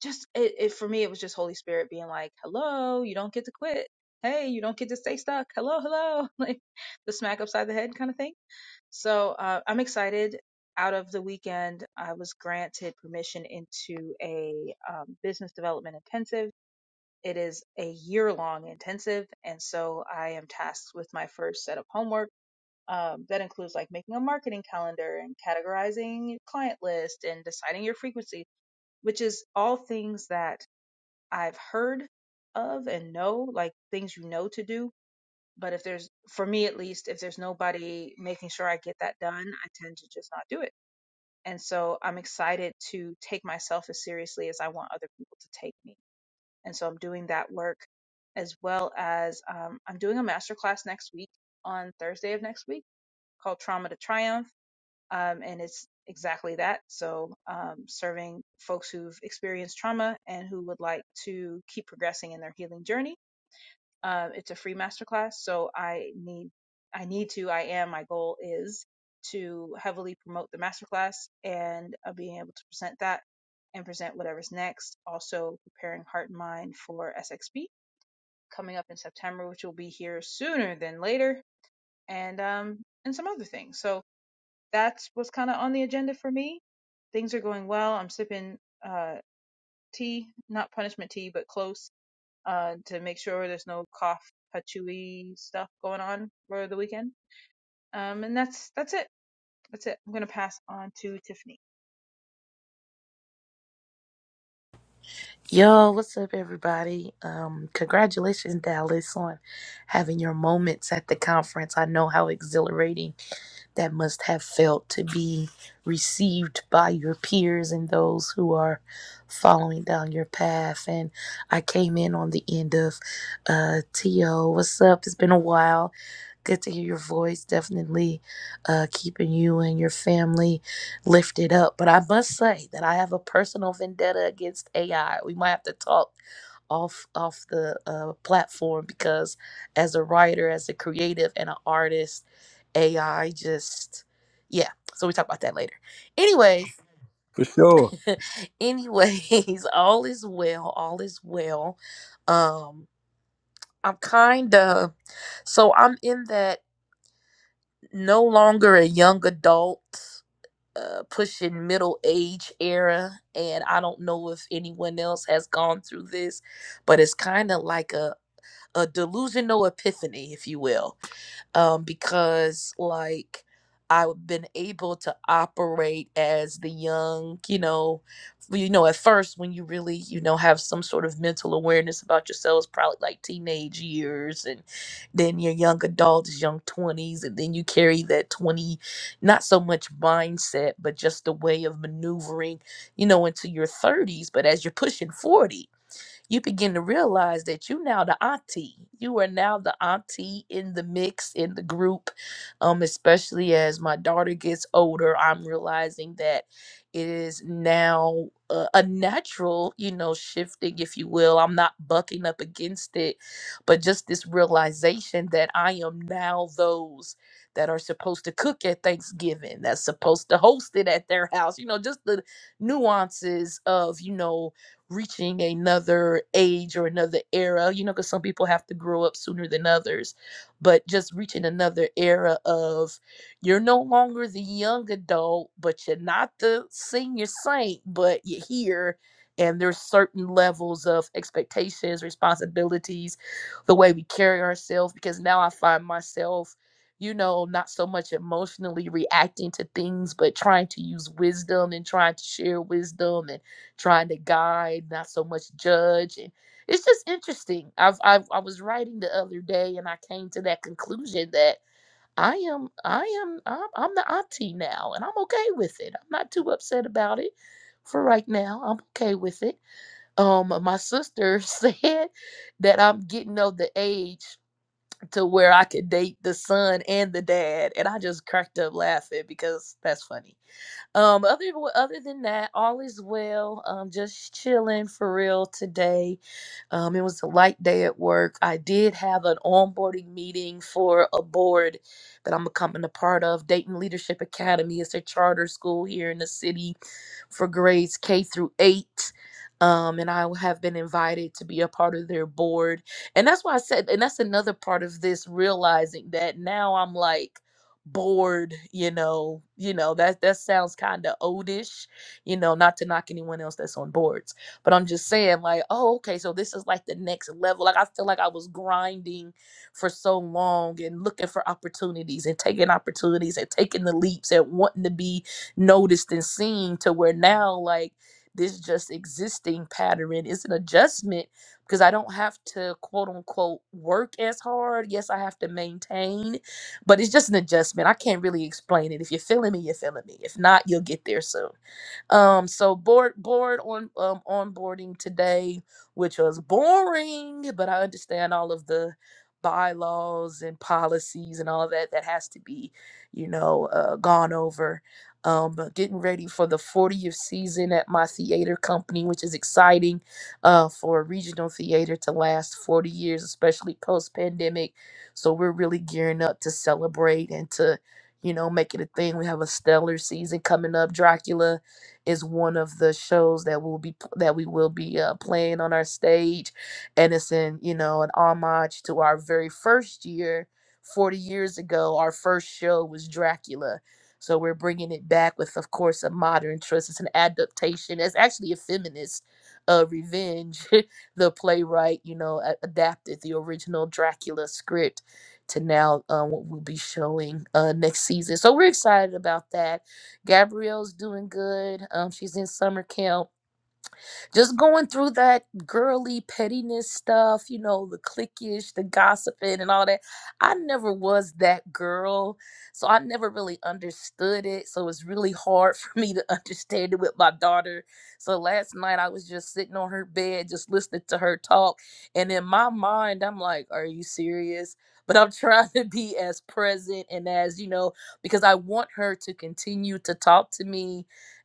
Speaker 9: just it, it for me it was just holy spirit being like hello you don't get to quit hey you don't get to stay stuck hello hello like the smack upside the head kind of thing so uh, i'm excited out of the weekend i was granted permission into a um, business development intensive it is a year long intensive and so i am tasked with my first set of homework um, that includes like making a marketing calendar and categorizing your client list and deciding your frequency which is all things that I've heard of and know, like things you know to do. But if there's, for me at least, if there's nobody making sure I get that done, I tend to just not do it. And so I'm excited to take myself as seriously as I want other people to take me. And so I'm doing that work as well as um, I'm doing a masterclass next week on Thursday of next week called Trauma to Triumph um, and it's exactly that. So, um, serving folks who've experienced trauma and who would like to keep progressing in their healing journey. Um, it's a free masterclass, so I need, I need to, I am. My goal is to heavily promote the masterclass and uh, being able to present that and present whatever's next. Also, preparing heart and mind for SXP coming up in September, which will be here sooner than later, and um, and some other things. So that's what's kind of on the agenda for me. Things are going well. I'm sipping uh, tea, not punishment tea, but close uh, to make sure there's no cough, patchouli stuff going on for the weekend. Um, and that's that's it. That's it. I'm gonna pass on to Tiffany.
Speaker 10: Yo, what's up, everybody? Um, congratulations, Dallas, on having your moments at the conference. I know how exhilarating that must have felt to be received by your peers and those who are following down your path. And I came in on the end of uh, T.O. What's up? It's been a while. Good to hear your voice. Definitely uh, keeping you and your family lifted up. But I must say that I have a personal vendetta against AI. We might have to talk off off the uh, platform because as a writer, as a creative, and an artist, AI just yeah. So we talk about that later. Anyway,
Speaker 8: For sure.
Speaker 10: anyways, all is well. All is well. Um, I'm kind of so I'm in that. no longer a young adult, uh, pushing middle age era. And I don't know if anyone else has gone through this, but it's kind of like a, a delusional epiphany, if you will um, because like I've been able to operate as the young, you know, well, you know, at first when you really, you know, have some sort of mental awareness about yourselves, probably like teenage years and then your young adults, young twenties, and then you carry that twenty, not so much mindset, but just the way of maneuvering, you know, into your thirties. But as you're pushing forty, you begin to realize that you now the auntie. You are now the auntie in the mix, in the group. Um, especially as my daughter gets older, I'm realizing that it is now a, a natural, you know, shifting, if you will. I'm not bucking up against it, but just this realization that I am now those that are supposed to cook at Thanksgiving, that's supposed to host it at their house, you know, just the nuances of, you know, reaching another age or another era, you know, because some people have to grow up sooner than others, but just reaching another era of you're no longer the young adult, but you're not the senior saint, but you're here. And there's certain levels of expectations, responsibilities, the way we carry ourselves. Because now I find myself, you know, not so much emotionally reacting to things, but trying to use wisdom and trying to share wisdom trying to guide, not so much judge. And it's just interesting. I've, I've I was writing the other day, and I came to that conclusion that I am I am I'm, I'm the auntie now, and I'm okay with it. I'm not too upset about it for right now. I'm okay with it. Um, my sister said that I'm getting of the age to where I could date the son and the dad, and I just cracked up laughing because that's funny um, other other than that, all is well. Um, just chilling for real today. Um, it was a light day at work. I did have an onboarding meeting for a board that I'm becoming a part of. Dayton Leadership Academy is a charter school here in the city for grades K through eight. Um, and I have been invited to be a part of their board. And that's why I said, and that's another part of this realizing that now I'm like, bored you know you know that that sounds kind of oldish you know not to knock anyone else that's on boards but i'm just saying like oh okay so this is like the next level like i feel like i was grinding for so long and looking for opportunities and taking opportunities and taking the leaps and wanting to be noticed and seen to where now like this just existing pattern is an adjustment because I don't have to quote unquote work as hard. Yes, I have to maintain, but it's just an adjustment. I can't really explain it. If you're feeling me, you're feeling me. If not, you'll get there soon. Um, so board board on um, onboarding today, which was boring, but I understand all of the bylaws and policies and all that that has to be, you know, uh, gone over. Um, but getting ready for the 40th season at my theater company, which is exciting uh, for a regional theater to last 40 years, especially post pandemic. So we're really gearing up to celebrate and to, you know, make it a thing. We have a stellar season coming up, Dracula is one of the shows that will be that we will be uh, playing on our stage, and it's in you know an homage to our very first year, forty years ago. Our first show was Dracula, so we're bringing it back with, of course, a modern twist. It's an adaptation. It's actually a feminist uh, revenge. the playwright, you know, a- adapted the original Dracula script to now uh, what we'll be showing uh, next season. So we're excited about that. Gabrielle's doing good. Um, she's in summer camp just going through that girly pettiness stuff, you know, the cliquish, the gossiping, and all that. I never was that girl, so I never really understood it. So it's really hard for me to understand it with my daughter. So last night I was just sitting on her bed, just listening to her talk, and in my mind I'm like, "Are you serious?" But I'm trying to be as present and as you know, because I want her to continue to talk to me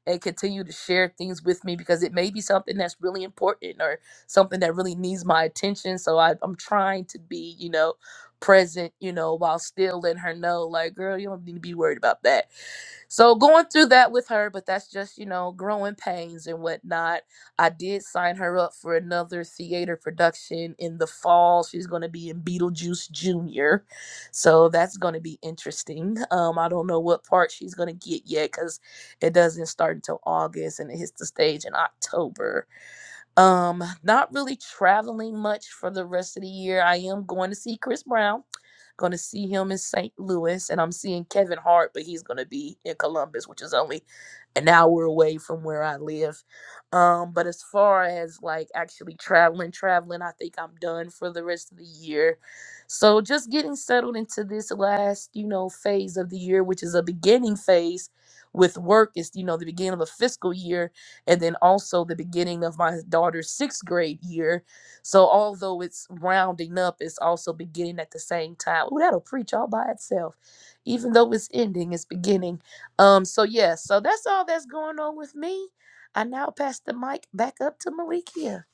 Speaker 10: and continue to share things with me because it may be something that's really important or something that really needs my attention. So I, I'm trying to be, you know, present, you know, while still letting her know, like, girl, you don't need to be worried about that so going through that with her, but that's just, you know, growing pains and whatnot. I did sign her up for another theater production in the fall. She's going to be in Beetlejuice Jr. So that's going to be interesting. Um, I don't know what part she's going to get yet because it doesn't start until August and it hits the stage in October. Um, not really traveling much for the rest of the year. I am going to see Chris Brown. Going to see him in St. Louis, and I'm seeing Kevin Hart, but he's going to be in Columbus, which is only an hour away from where I live. Um, but as far as like actually traveling, traveling, I think I'm done for the rest of the year. So just getting settled into this last, you know, phase of the year, which is a beginning phase with work. It's, you know, the beginning of a fiscal year and then also the beginning of my daughter's sixth grade year. So although it's rounding up, it's also beginning at the same time. Ooh, that'll preach all by itself. Even though it's ending, it's beginning. Um, so yeah, so that's all that's going on with me. I now pass the mic back up to Malikia.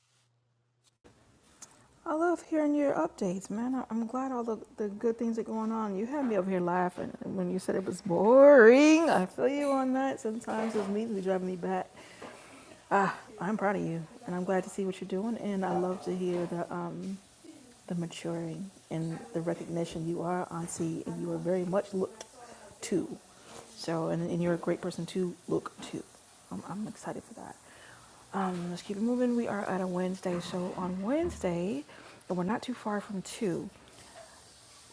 Speaker 1: I love hearing your updates, man. I, I'm glad all the, the good things are going on. You had me over here laughing when you said it was boring. I feel you on that. Sometimes those meetings be driving me back. Ah, I'm proud of you, and I'm glad to see what you're doing. And I love to hear the um, the maturing and the recognition you are auntie and you are very much looked to so and, and you're a great person to look to um, i'm excited for that um, let's keep it moving we are at a wednesday so on wednesday and we're not too far from two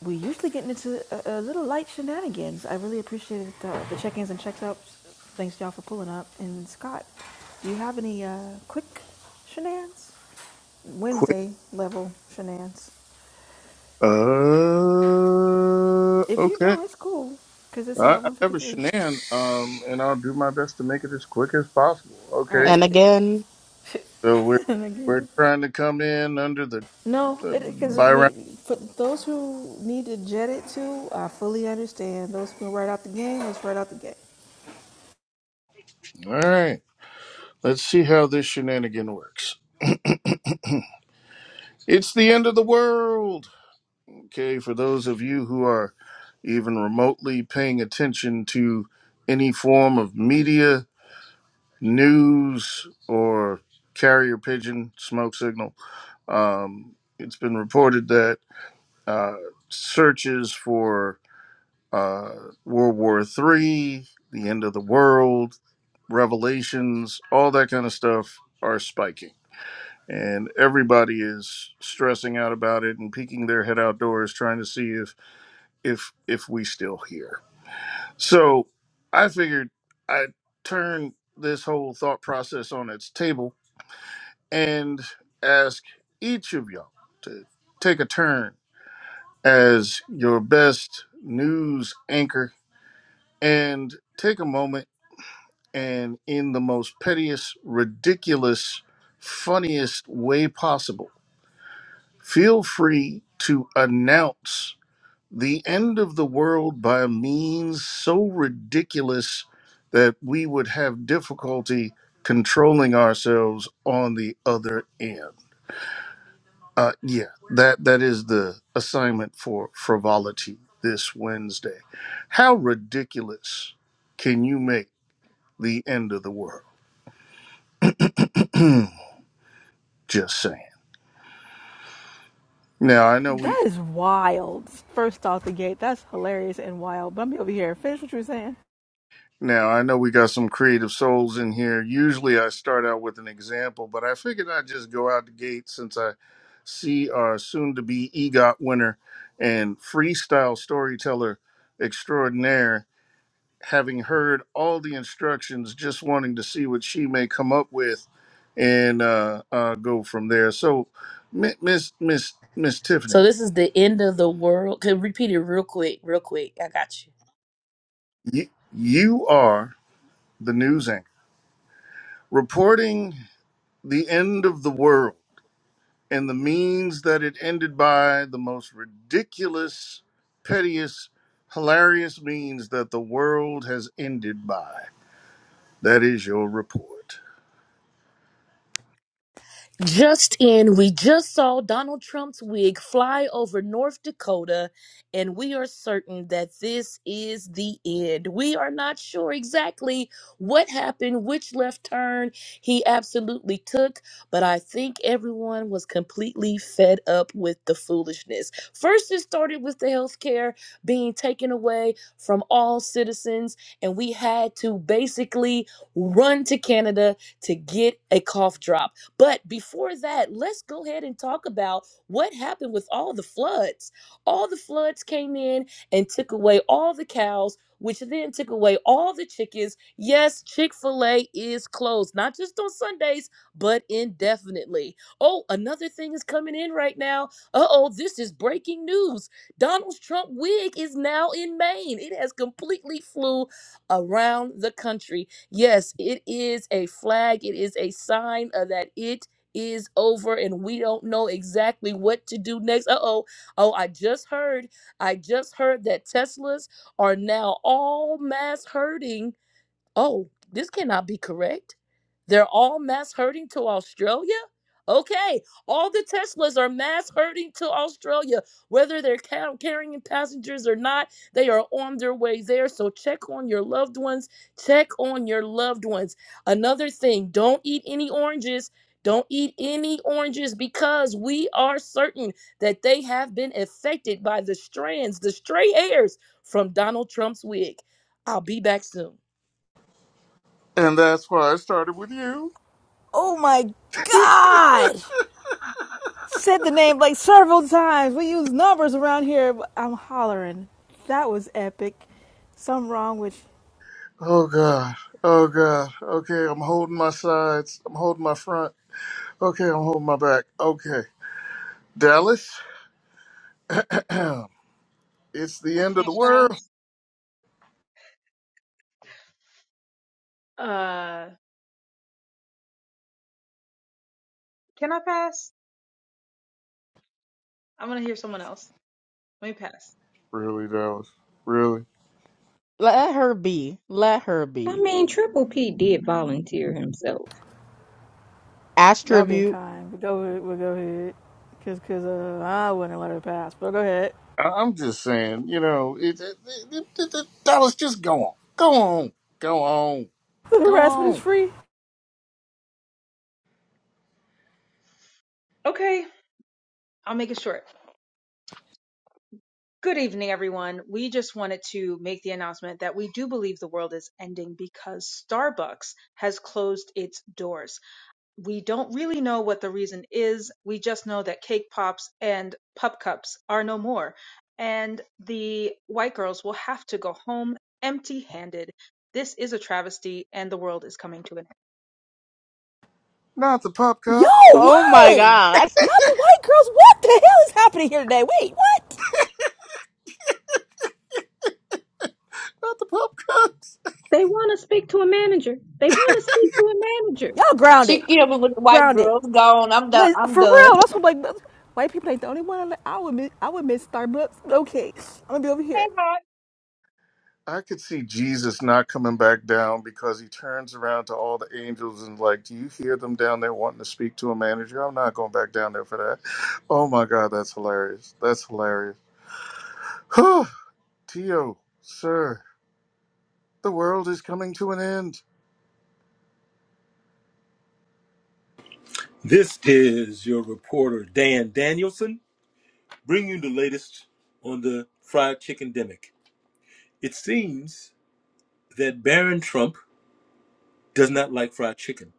Speaker 1: we usually get into a, a little light shenanigans i really appreciated the, the check-ins and checks-ups thanks y'all for pulling up and scott do you have any uh, quick shenanigans
Speaker 2: Quick.
Speaker 1: wednesday level shenanigans
Speaker 2: Uh,
Speaker 1: If you
Speaker 2: okay.
Speaker 1: don't, it's cool because it's
Speaker 2: I,
Speaker 1: uh
Speaker 2: I have a
Speaker 1: 153.
Speaker 2: shenan, um, and I'll do my best to make it as quick as possible.
Speaker 1: All right,
Speaker 2: Okay,
Speaker 1: let's
Speaker 5: And
Speaker 1: get it.
Speaker 5: again,
Speaker 2: so we're
Speaker 1: and
Speaker 2: we're
Speaker 1: again,
Speaker 2: trying to come in under the,
Speaker 1: no,
Speaker 2: the
Speaker 1: because
Speaker 2: by round.
Speaker 1: for those who need to jet it too, I fully understand. Those who right out the game, let's right out the gate.
Speaker 2: All right, let's see how this shenanigan works. It's the end of the world. Okay, for those of you who are even remotely paying attention to any form of media, news, or carrier pigeon smoke signal, um, it's been reported that uh, searches for uh, World War Three, the end of the world, Revelations, all that kind of stuff are spiking, and everybody is stressing out about it and peeking their head outdoors, trying to see if if if we still here. So I figured I turn this whole thought process on its table and ask each of y'all to take a turn as your best news anchor and take a moment and in the most pettiest, ridiculous, funniest way possible. Feel free to announce the end of the world by means so ridiculous that we would have difficulty controlling ourselves on the other end. Uh, yeah, that that is the assignment for frivolity this Wednesday. How ridiculous can you make the end of the world? Just saying. Now I know we
Speaker 1: That is wild. First off the gate, that's hilarious and wild. But I'm over here. Finish what you were saying.
Speaker 2: now I know we got some creative souls in here. Usually I start out with an example, but I figured I'd just go out the gate since I see our soon to be EGOT winner and freestyle storyteller extraordinaire having heard all the instructions just wanting to see what she may come up with and uh, uh, go from there. So Mi- Miss Miss Miss
Speaker 10: So
Speaker 2: Tiffany,
Speaker 10: this is the end of the world. Can repeat it real quick, real quick. I got you.
Speaker 2: you, you are the news anchor reporting the end of the world and the means that it ended by the most ridiculous, pettiest, hilarious means that the world has ended by. That is your report.
Speaker 10: Just in, we just saw Donald Trump's wig fly over North Dakota, and we are certain that this is the end. We are not sure exactly what happened, which left turn he absolutely took, but I think everyone was completely fed up with the foolishness. First, it started with the health care being taken away from all citizens, and we had to basically run to Canada to get a cough drop. But before that, let's go ahead and talk about what happened with all the floods. All the floods came in and took away all the cows, which then took away all the chickens. Yes, Chick fil A is closed, not just on Sundays, but indefinitely. Oh, another thing is coming in right now. Uh oh, this is breaking news. Donald Trump wig is now in Maine. It has completely flew around the country. Yes, it is a flag, it is a sign of that it is over and we don't know exactly what to do next. Uh-oh. Oh, I just heard. I just heard that Teslas are now all mass herding Oh, this cannot be correct. They're all mass herding to Australia? Okay, all the Teslas are mass herding to Australia. Whether they're ca- carrying passengers or not, they are on their way there. So check on your loved ones. Check on your loved ones. Another thing don't eat any oranges. Don't eat any oranges because we are certain that they have been affected by the strands, the stray hairs from Donald Trump's wig. I'll be back soon.
Speaker 2: And that's why I started with you.
Speaker 1: Oh my God! Said the name like several times. We use numbers around here. But I'm hollering. That was epic. Something wrong with
Speaker 2: Oh God. Oh God. Okay, I'm holding my sides. I'm holding my front. Okay, I'm holding my back. Okay. Dallas, it's the
Speaker 9: I
Speaker 2: end of the
Speaker 9: can't
Speaker 2: world.
Speaker 9: pass. Uh, can I pass? I'm gonna hear someone else. Let me pass.
Speaker 2: Really, Dallas. Really?
Speaker 5: let her be. Let her
Speaker 3: I
Speaker 5: be.
Speaker 3: mean, Triple P did volunteer himself.
Speaker 1: Y'all being
Speaker 5: Astroview.
Speaker 1: kind. But go ahead. We'll go ahead. Cause, cause uh, I wouldn't let her pass. But go ahead.
Speaker 2: I- I'm just saying, you know, it, it, it, it, it, Dallas, just go on, go on, go on,
Speaker 1: The
Speaker 2: go
Speaker 1: harassment is
Speaker 2: on.
Speaker 1: free.
Speaker 9: Okay, I'll make it short. Good evening, everyone. We just wanted to make the announcement that we do believe the world is ending because Starbucks has closed its doors. We don't really know what the reason is. We just know that cake pops and pup cups are no more. And the white girls will have to go home empty handed. This is a travesty, and the world is coming to an end.
Speaker 2: Not the pop
Speaker 1: Yo,
Speaker 2: cup,
Speaker 5: Oh my
Speaker 1: Wallin!
Speaker 5: God.
Speaker 1: Not the white girls. What the hell is happening here today? Wait, what?
Speaker 2: not the pop cup.
Speaker 3: They want to speak to a manager. They want to speak to a manager.
Speaker 1: Y'all grounded.
Speaker 6: She killed me with the white
Speaker 1: Grounded.
Speaker 6: girls. Gone. I'm done.
Speaker 1: Liz,
Speaker 6: I'm
Speaker 1: for
Speaker 6: done.
Speaker 1: real. That's what like white people ain't the only one. I, would miss. I would miss Starbucks. Okay, I'm gonna be over
Speaker 9: Hey,
Speaker 1: here.
Speaker 9: hi.
Speaker 2: I could see Jesus not coming back down because he turns around to all the angels and like, do you hear them down there wanting to speak to a manager? I'm not going back down there for that. Oh my God, that's hilarious. That's hilarious. Whew. Tio, sir, the world is coming to an end.
Speaker 8: This is your reporter, Dan Danielson, bringing you the latest on the fried chicken demic. It seems that Barron Trump does not like fried chicken,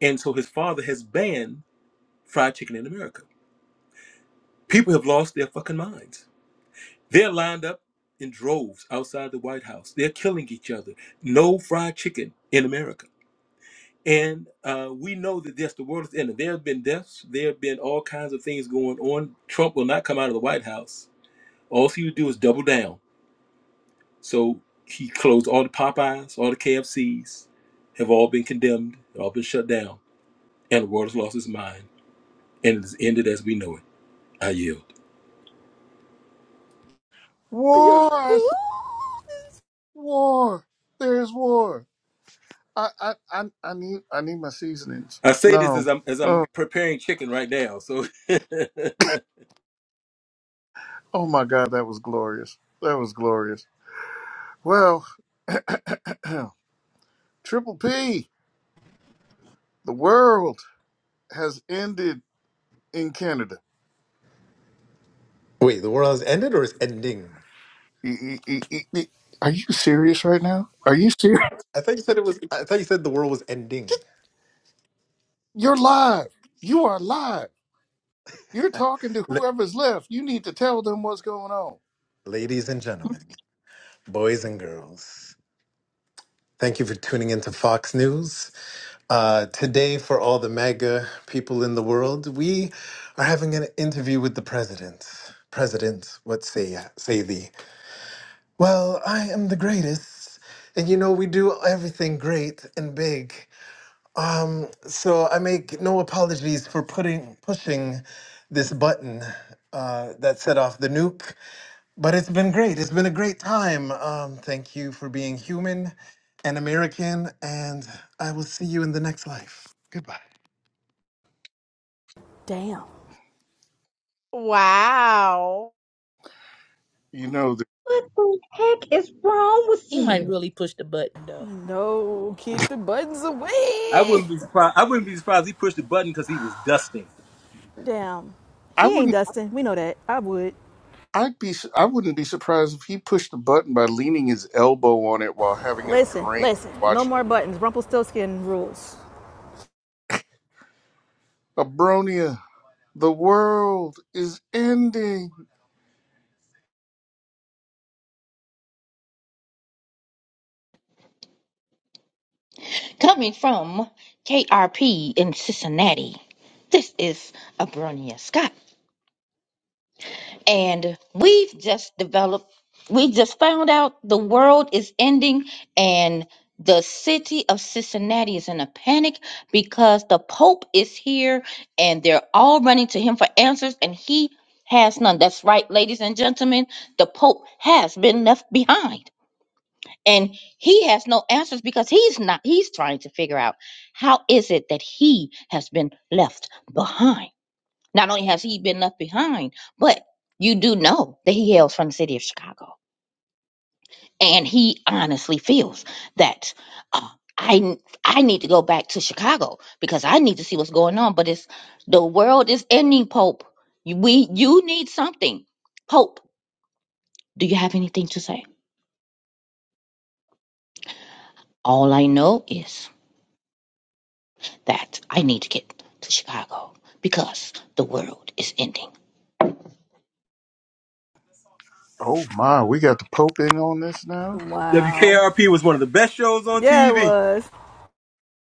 Speaker 8: and so his father has banned fried chicken in America. People have lost their fucking minds. They're lined up in droves outside the White House. They're killing each other. No fried chicken in America. And uh, we know that yes, the world is ending. There have been deaths. There have been all kinds of things going on. Trump will not come out of the White House. All he would do is double down. So he closed all the Popeyes, all the KFCs, have all been condemned, all been shut down, and the world has lost its mind, and it has ended as we know it. I yield.
Speaker 1: Yeah.
Speaker 2: War, I said, war. There's war. I, I, I, I need I need my seasonings.
Speaker 8: I say this as
Speaker 2: No.
Speaker 8: I'm as I'm
Speaker 2: Oh,
Speaker 8: preparing chicken right now. So
Speaker 2: oh my God, that was glorious. That was glorious. Well, Triple P, the world has ended in Canada.
Speaker 7: Wait, the world has ended or is ending?
Speaker 2: E- e- e- e- e- Are you serious right now? Are you serious?
Speaker 7: I thought you said it was. I thought you said the world was ending.
Speaker 2: You're live. You are live. You're talking to
Speaker 7: La-
Speaker 2: whoever's left. You need to tell them what's going on.
Speaker 7: Ladies and gentlemen, boys and girls, thank you for tuning into Fox News. Uh, today, for all the MAGA people in the world, we are having an interview with the president. President, what say say thee? Well, I am the greatest, and you know we do everything great and big. Um, so I make no apologies for putting pushing this button uh, that set off the nuke, but it's been great. It's been a great time. Um, thank you for being human and American, and I will see you in the next life. Goodbye.
Speaker 1: Damn.
Speaker 5: Wow.
Speaker 2: You know, that
Speaker 3: What the heck is wrong with
Speaker 10: He might
Speaker 3: you?
Speaker 10: really push the button though.
Speaker 1: No, keep the buttons
Speaker 8: I
Speaker 1: away.
Speaker 8: wouldn't be surprised. I wouldn't be surprised he pushed the button because he was dusting.
Speaker 1: Damn,
Speaker 2: I
Speaker 1: he ain't
Speaker 2: wouldn't.
Speaker 1: Dustin. We know that. I would.
Speaker 2: I'd be. I wouldn't be surprised if he pushed the button by leaning his elbow on it while having a
Speaker 1: Listen,
Speaker 2: drink,
Speaker 1: listen. No
Speaker 2: watching.
Speaker 1: more buttons. Rumpelstiltskin rules.
Speaker 2: Abronia, the world is ending.
Speaker 6: Coming from KRP in Cincinnati, this is Abronia Scott. and we've just developed we just found out the world is ending and the city of cincinnati is in a panic because the pope is here and they're all running to him for answers and he has none that's right ladies and gentlemen the pope has been left behind and he has no answers because he's not he's trying to figure out how is it that he has been left behind not only has he been left behind, but you do know that he hails from the city of Chicago. And he honestly feels that uh, I I need to go back to Chicago because I need to see what's going on. But it's the world is ending, Pope. You- We you need something, Pope. Do you have anything to say? All I know is that I need to get to Chicago because the world is ending.
Speaker 2: Oh my, we got the Pope in on this now.
Speaker 1: Wow.
Speaker 8: WKRP was one of the best shows on
Speaker 1: Yeah, it
Speaker 8: TV.
Speaker 1: was.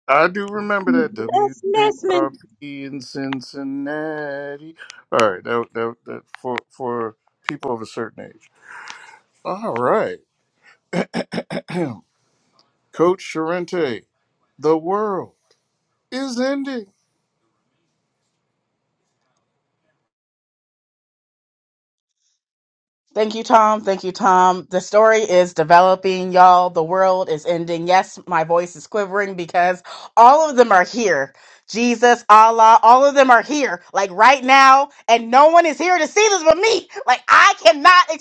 Speaker 2: I do remember that
Speaker 3: Les Nesman?
Speaker 2: WKRP in Cincinnati. All right, that, that, that for for people of a certain age. All right, Coach Charente, the world is ending.
Speaker 5: Thank you, Tom. Thank you, Tom. The story is developing, y'all. The world is ending. Yes, my voice is quivering because all of them are here. Jesus, Allah, all of them are here, like right now, and no one is here to see this but me. Like, I cannot.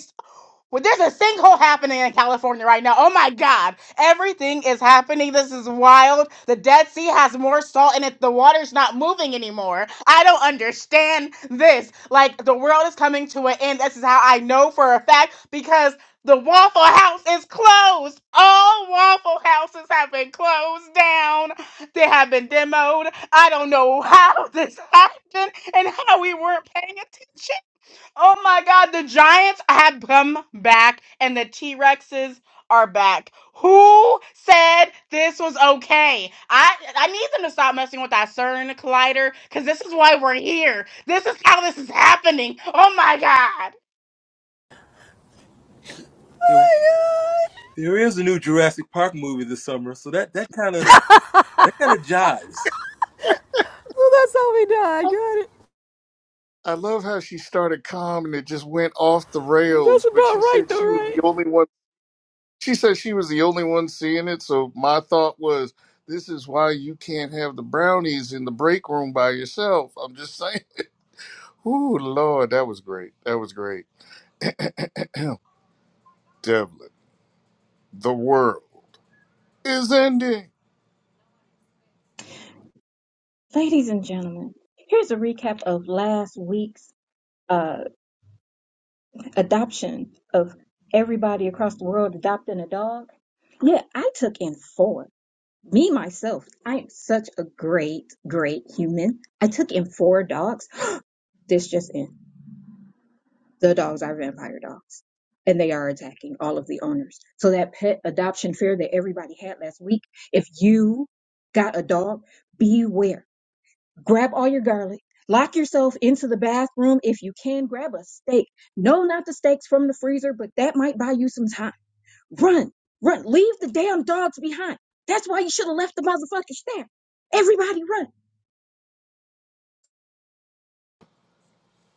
Speaker 5: Well, there's a sinkhole happening in California right now. Oh my God. Everything is happening. This is wild. The Dead Sea has more salt in it. The water's not moving anymore. I don't understand this. Like, the world is coming to an end. This is how I know for a fact because the Waffle House is closed. All Waffle Houses have been closed down. They have been demoed. I don't know how this happened and how we weren't paying attention. Oh my God, the Giants have come back and the T Rexes are back. Who said this was okay? I I need them to stop messing with that CERN collider because this is why we're here. This is how this is happening. Oh my God.
Speaker 8: There, there is a new Jurassic Park movie this summer, so that that kind of that kind of jives.
Speaker 1: Well, that's how we died. Got it.
Speaker 2: I love how she started calm and it just went off the
Speaker 1: That's
Speaker 2: rails, but
Speaker 1: about
Speaker 2: she
Speaker 1: right,
Speaker 2: said
Speaker 1: though,
Speaker 2: she was
Speaker 1: right?
Speaker 2: the only one. She said she was the only one seeing it, so my thought was, this is why you can't have the brownies in the break room by yourself. I'm just saying. Ooh, Lord, that was great. That was great. Devlin, the world is ending.
Speaker 3: Ladies and gentlemen, here's a recap of last week's uh, adoption of everybody across the world adopting a dog. Yeah, I took in four. Me, myself, I am such a great, great human. I took in four dogs. This just in. The dogs are vampire dogs, and they are attacking all of the owners. So that pet adoption fear that everybody had last week, if you got a dog, beware grab all your garlic, lock yourself into the bathroom. If you can, grab a steak. No, not the steaks from the freezer, but that might buy you some time. Run, run, leave the damn dogs behind. That's why you should have left the motherfuckers there. Everybody run.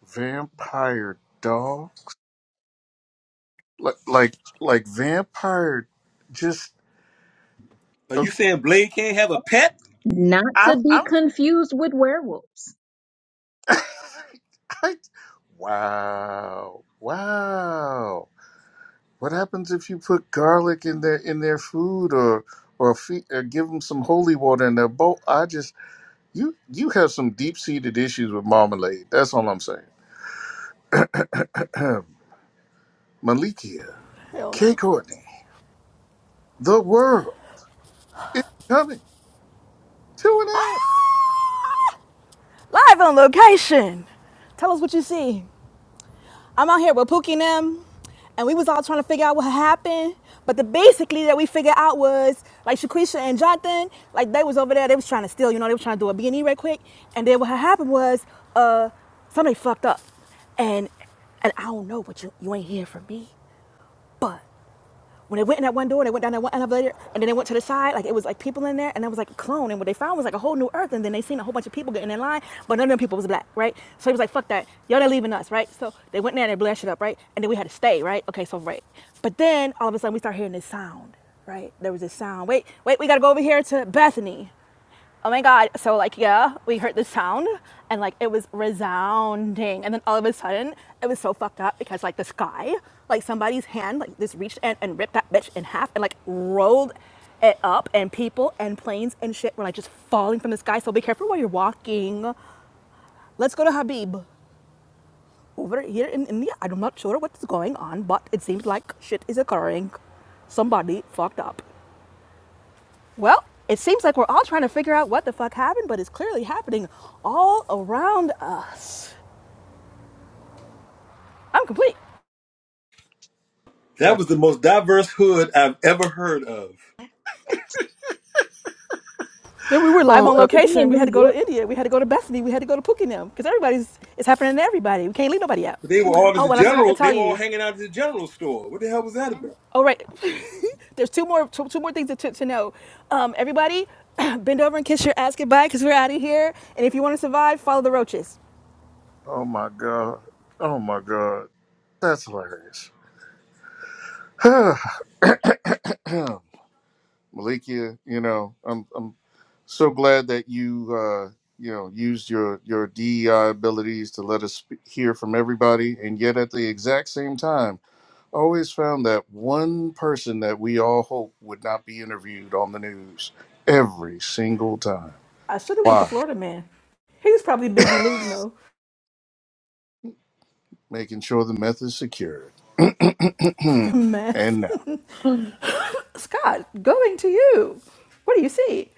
Speaker 2: Vampire dog, like like like vampire. Just
Speaker 8: Are you
Speaker 2: okay.
Speaker 8: saying Blade can't have a pet?
Speaker 3: Not to
Speaker 2: I'm
Speaker 3: be
Speaker 2: I'm.
Speaker 3: confused with werewolves.
Speaker 2: I, wow, wow. What happens if you put garlic in their in their food or or, feed, or give them some holy water in their bowl? I just you you have some deep seated issues with marmalade. That's all I'm saying. Malikia,
Speaker 1: Hell
Speaker 2: K.
Speaker 1: no.
Speaker 2: Courtney, the world is coming to an
Speaker 1: Live on location. Tell us what you see. I'm out here with Pookie and them, and we was all trying to figure out what happened. But the basically that we figured out was like Shaquisha and Jonathan, like they was over there, they was trying to steal, you know, they was trying to do a B and E right quick. And then what had happened was uh somebody fucked up. And and I don't know, but you you ain't hear from me. But when they went in that one door and they went down that one elevator and then they went to the side, like it was like people in there and there was like a clone. And what they found was like a whole new earth. And then they seen a whole bunch of people getting in line, but none of them people was black, right? So he was like, fuck that. Y'all not leaving us, right? So they went in there and they blasted it up, right? And then we had to stay, right? Okay, so right. But then all of a sudden we start hearing this sound, right? There was this sound. Wait, wait, we gotta go over here to Bethany oh my god so like yeah we heard the sound and like it was resounding and then all of a sudden it was so fucked up because like the sky, like somebody's hand like just reached in and ripped that bitch in half and like rolled it up and people and planes and shit were like just falling from the sky so be careful while you're walking let's go to habib over here in india i'm not sure what's going on but it seems like shit is occurring somebody fucked up Well, it seems like we're all trying to figure out what the fuck happened, but it's clearly happening all around us. I'm complete.
Speaker 8: That
Speaker 2: end.
Speaker 8: was the most diverse hood I've ever heard of.
Speaker 1: Then we were live
Speaker 2: Oh
Speaker 1: on
Speaker 3: Who
Speaker 2: god.
Speaker 3: to be
Speaker 1: location.
Speaker 3: in
Speaker 1: We had
Speaker 3: New
Speaker 1: to go
Speaker 3: York?
Speaker 1: to India. We had to go to Bethany. We had to go to Pukenham because everybody's it's happening to everybody. We can't leave nobody out.
Speaker 8: But they were all at the
Speaker 1: Oh, and I forgot to
Speaker 8: general.
Speaker 1: tell
Speaker 8: They were all
Speaker 1: you.
Speaker 8: hanging out at the general store. What the hell was that about?
Speaker 1: Oh, right. There's two more two, two more things to, to know. Um, everybody, bend over and kiss your ass goodbye because we're out of here. And if you want to survive, follow the roaches.
Speaker 2: Oh my god. Oh my god. That's hilarious. Malikia, you know I'm I'm So glad that you uh, you know used your your DEI abilities to let us sp- hear from everybody, and yet at the exact same time, I always found that one person that we all hope would not be interviewed on the news every single time.
Speaker 1: I should have went to
Speaker 2: Why?
Speaker 1: Florida, man. He was probably busy looting though.
Speaker 2: Making sure the meth is secured.
Speaker 1: the meth.
Speaker 2: and
Speaker 1: Scott, going to you. What do you see?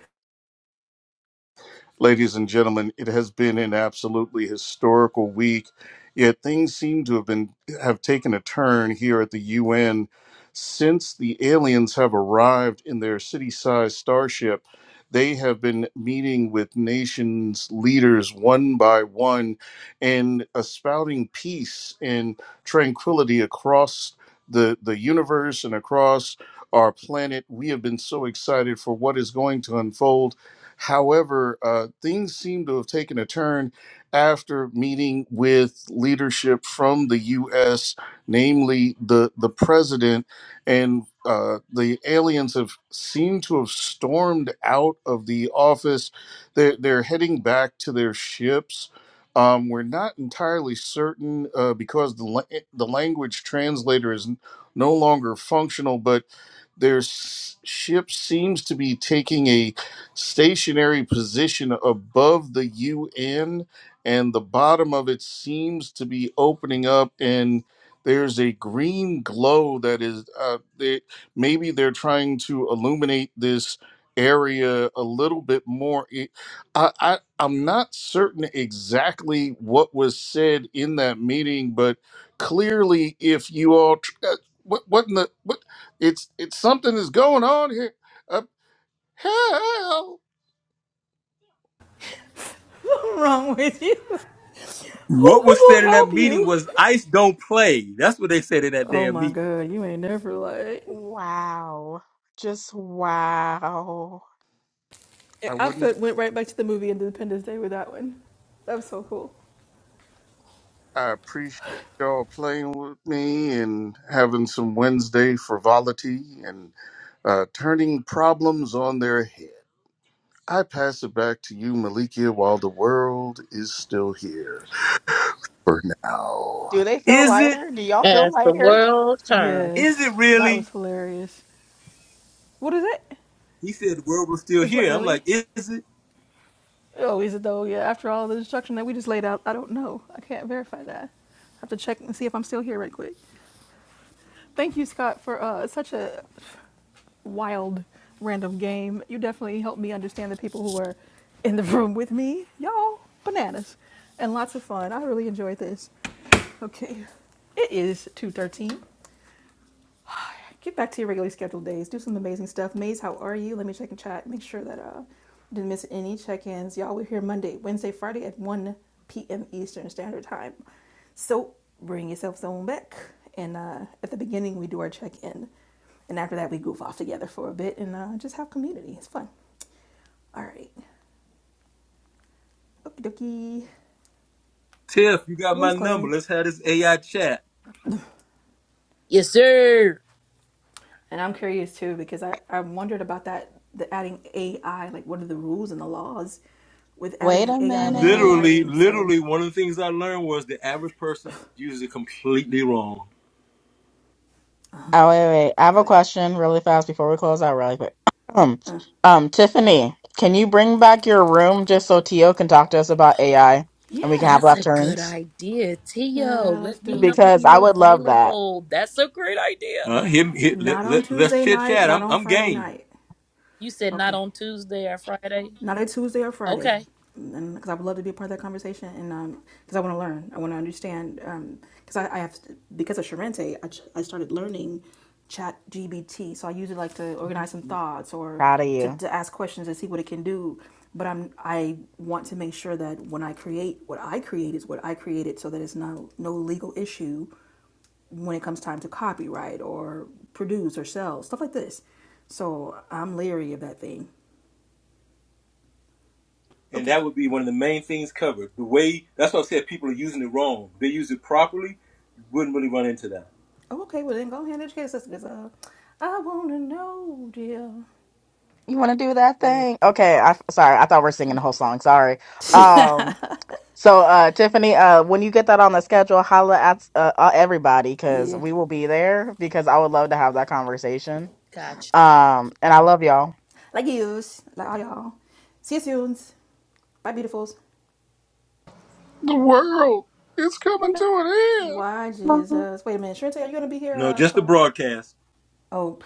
Speaker 2: Ladies and gentlemen, it has been an absolutely historical week. Yet things seem to have been have taken a turn here at the UN since the aliens have arrived in their city-sized starship. They have been meeting with nations leaders one by one and espouting peace and tranquility across the, the universe and across our planet. We have been so excited for what is going to unfold However, uh, things seem to have taken a turn after meeting with leadership from the U.S., namely the the president, and uh, the aliens have seemed to have stormed out of the office. They're, they're heading back to their ships. Um, we're not entirely certain uh, because the la- the language translator is n- no longer functional, but their s- ship seems to be taking a stationary position above the UN, and the bottom of it seems to be opening up, and there's a green glow that is. Uh, they, maybe they're trying to illuminate this area a little bit more. It, I, I, I'm not certain exactly what was said in that meeting, but clearly, if you all, tr- uh, what, what in the, what, it's, it's something is going on here. Uh, hell.
Speaker 1: What's wrong with you? Who
Speaker 8: What
Speaker 1: who
Speaker 8: was said
Speaker 1: gonna
Speaker 8: in that
Speaker 1: help
Speaker 8: meeting
Speaker 1: you?
Speaker 8: was ice don't play. That's what they said in that
Speaker 1: Oh
Speaker 8: damn
Speaker 1: my
Speaker 8: meeting.
Speaker 1: god, you ain't never like.
Speaker 5: Wow. Just wow.
Speaker 2: I
Speaker 1: I
Speaker 2: wouldn't. Be,
Speaker 1: felt went right back to the movie Independence Day with that one. That was so cool.
Speaker 2: I appreciate y'all playing with me and having some Wednesday frivolity and uh, turning problems on their head. I pass it back to you, Malikia, while the world is still here for
Speaker 5: Do
Speaker 2: now.
Speaker 5: they feel
Speaker 8: Is it?
Speaker 5: lighter? Do y'all feel
Speaker 6: As the
Speaker 5: lighter?
Speaker 6: world turns.
Speaker 8: Is it
Speaker 1: Yes, that was
Speaker 8: really?
Speaker 1: hilarious. What is it?
Speaker 8: He said the world was still
Speaker 1: Is what
Speaker 8: here. I'm like,
Speaker 1: really?
Speaker 8: is it?
Speaker 1: Oh, is it though? Yeah. After all the destruction that we just laid out, I don't know. I can't verify that. I have to check and see if I'm still here right quick. Thank you, Scott, for uh, such a wild random game. You definitely helped me understand the people who were in the room with me. Y'all, bananas. And lots of fun. I really enjoyed this. Okay. It is 213. Get back to your regularly scheduled days. Do some amazing stuff. Maze, how are you? Let me check and chat. Make sure that uh didn't miss any check-ins. Y'all, we're here Monday, Wednesday, Friday at 1 p.m. Eastern Standard Time. So bring yourself on back. And uh, at the beginning, we do our check-in. And after that, we goof off together for a bit and uh, just have community. It's fun. All right. Okie dokie.
Speaker 8: Tiff, you got
Speaker 1: Room is
Speaker 8: my number.
Speaker 1: closing.
Speaker 8: Let's have this AI chat.
Speaker 10: Yes, sir.
Speaker 1: And I'm curious too because I, I wondered about that the adding AI, like what are the rules and the laws with
Speaker 5: Wait
Speaker 1: adding
Speaker 5: a
Speaker 1: AI when you're
Speaker 5: minute.
Speaker 8: Literally,
Speaker 1: writing. So
Speaker 8: literally, one of the things I learned was the average person uses it completely wrong.
Speaker 5: Oh, wait, wait. I have a
Speaker 1: got it.
Speaker 5: question really fast before we close out really quick. Um, um, Tiffany, can you bring back your room just so Tio can talk to us about AI and we can have
Speaker 10: That's
Speaker 1: Yeah.
Speaker 5: left
Speaker 10: a good
Speaker 5: turns?
Speaker 10: idea, Tio.
Speaker 1: Yeah, let's
Speaker 10: Let me
Speaker 1: do
Speaker 10: know
Speaker 1: it.
Speaker 10: when
Speaker 5: Because I
Speaker 10: you're
Speaker 5: would love that.
Speaker 10: available. That's a great idea.
Speaker 8: Uh, hit, hit, let,
Speaker 1: Not on
Speaker 8: let, let's
Speaker 1: Tuesday
Speaker 8: chit
Speaker 1: night,
Speaker 8: chat.
Speaker 1: not
Speaker 8: I'm,
Speaker 1: on
Speaker 8: I'm
Speaker 1: Friday
Speaker 8: game.
Speaker 1: night.
Speaker 10: You said not
Speaker 1: Okay.
Speaker 10: on Tuesday or Friday.
Speaker 1: not a Tuesday or Friday,
Speaker 10: Okay.
Speaker 1: because I would love to be a part of that conversation, and because um, I want to learn, I want to understand, because um, I, I have because of Sharente, I, I started learning Chat GPT. so I use it like to organize some thoughts or
Speaker 5: Proud of
Speaker 1: to,
Speaker 5: you.
Speaker 1: to ask questions and see what it can do. But I'm I want to make sure that when I create what I create is what I created, so that it's no no legal issue when it comes time to copyright or produce or sell stuff like this. So I'm leery of that thing.
Speaker 8: And
Speaker 1: Okay, okay.
Speaker 8: that would be one of the main things covered. The way, that's why I said people are using it wrong. If they use it properly, you wouldn't really run into that.
Speaker 1: Oh, okay, well then go ahead and educate your us because uh, I want to know, dear.
Speaker 5: You want to do that
Speaker 10: Yeah,
Speaker 5: thing? Okay. I sorry. I thought we are singing the whole song. Sorry. Um. So, uh, Tiffany, uh, when you get that on the schedule, holla at uh, uh, everybody because
Speaker 1: Yeah.
Speaker 5: we will be there because I would love to have that conversation.
Speaker 1: yeah.
Speaker 10: Gotcha.
Speaker 5: Um, and I love y'all.
Speaker 1: Like yous, like all y'all. See you soon. Bye, beautifuls.
Speaker 2: The world is coming to an end.
Speaker 1: Why, Jesus. Wait a minute, Shantae, are you going to be here
Speaker 8: No,
Speaker 1: uh,
Speaker 8: just the
Speaker 1: for...
Speaker 8: broadcast.
Speaker 1: Oh,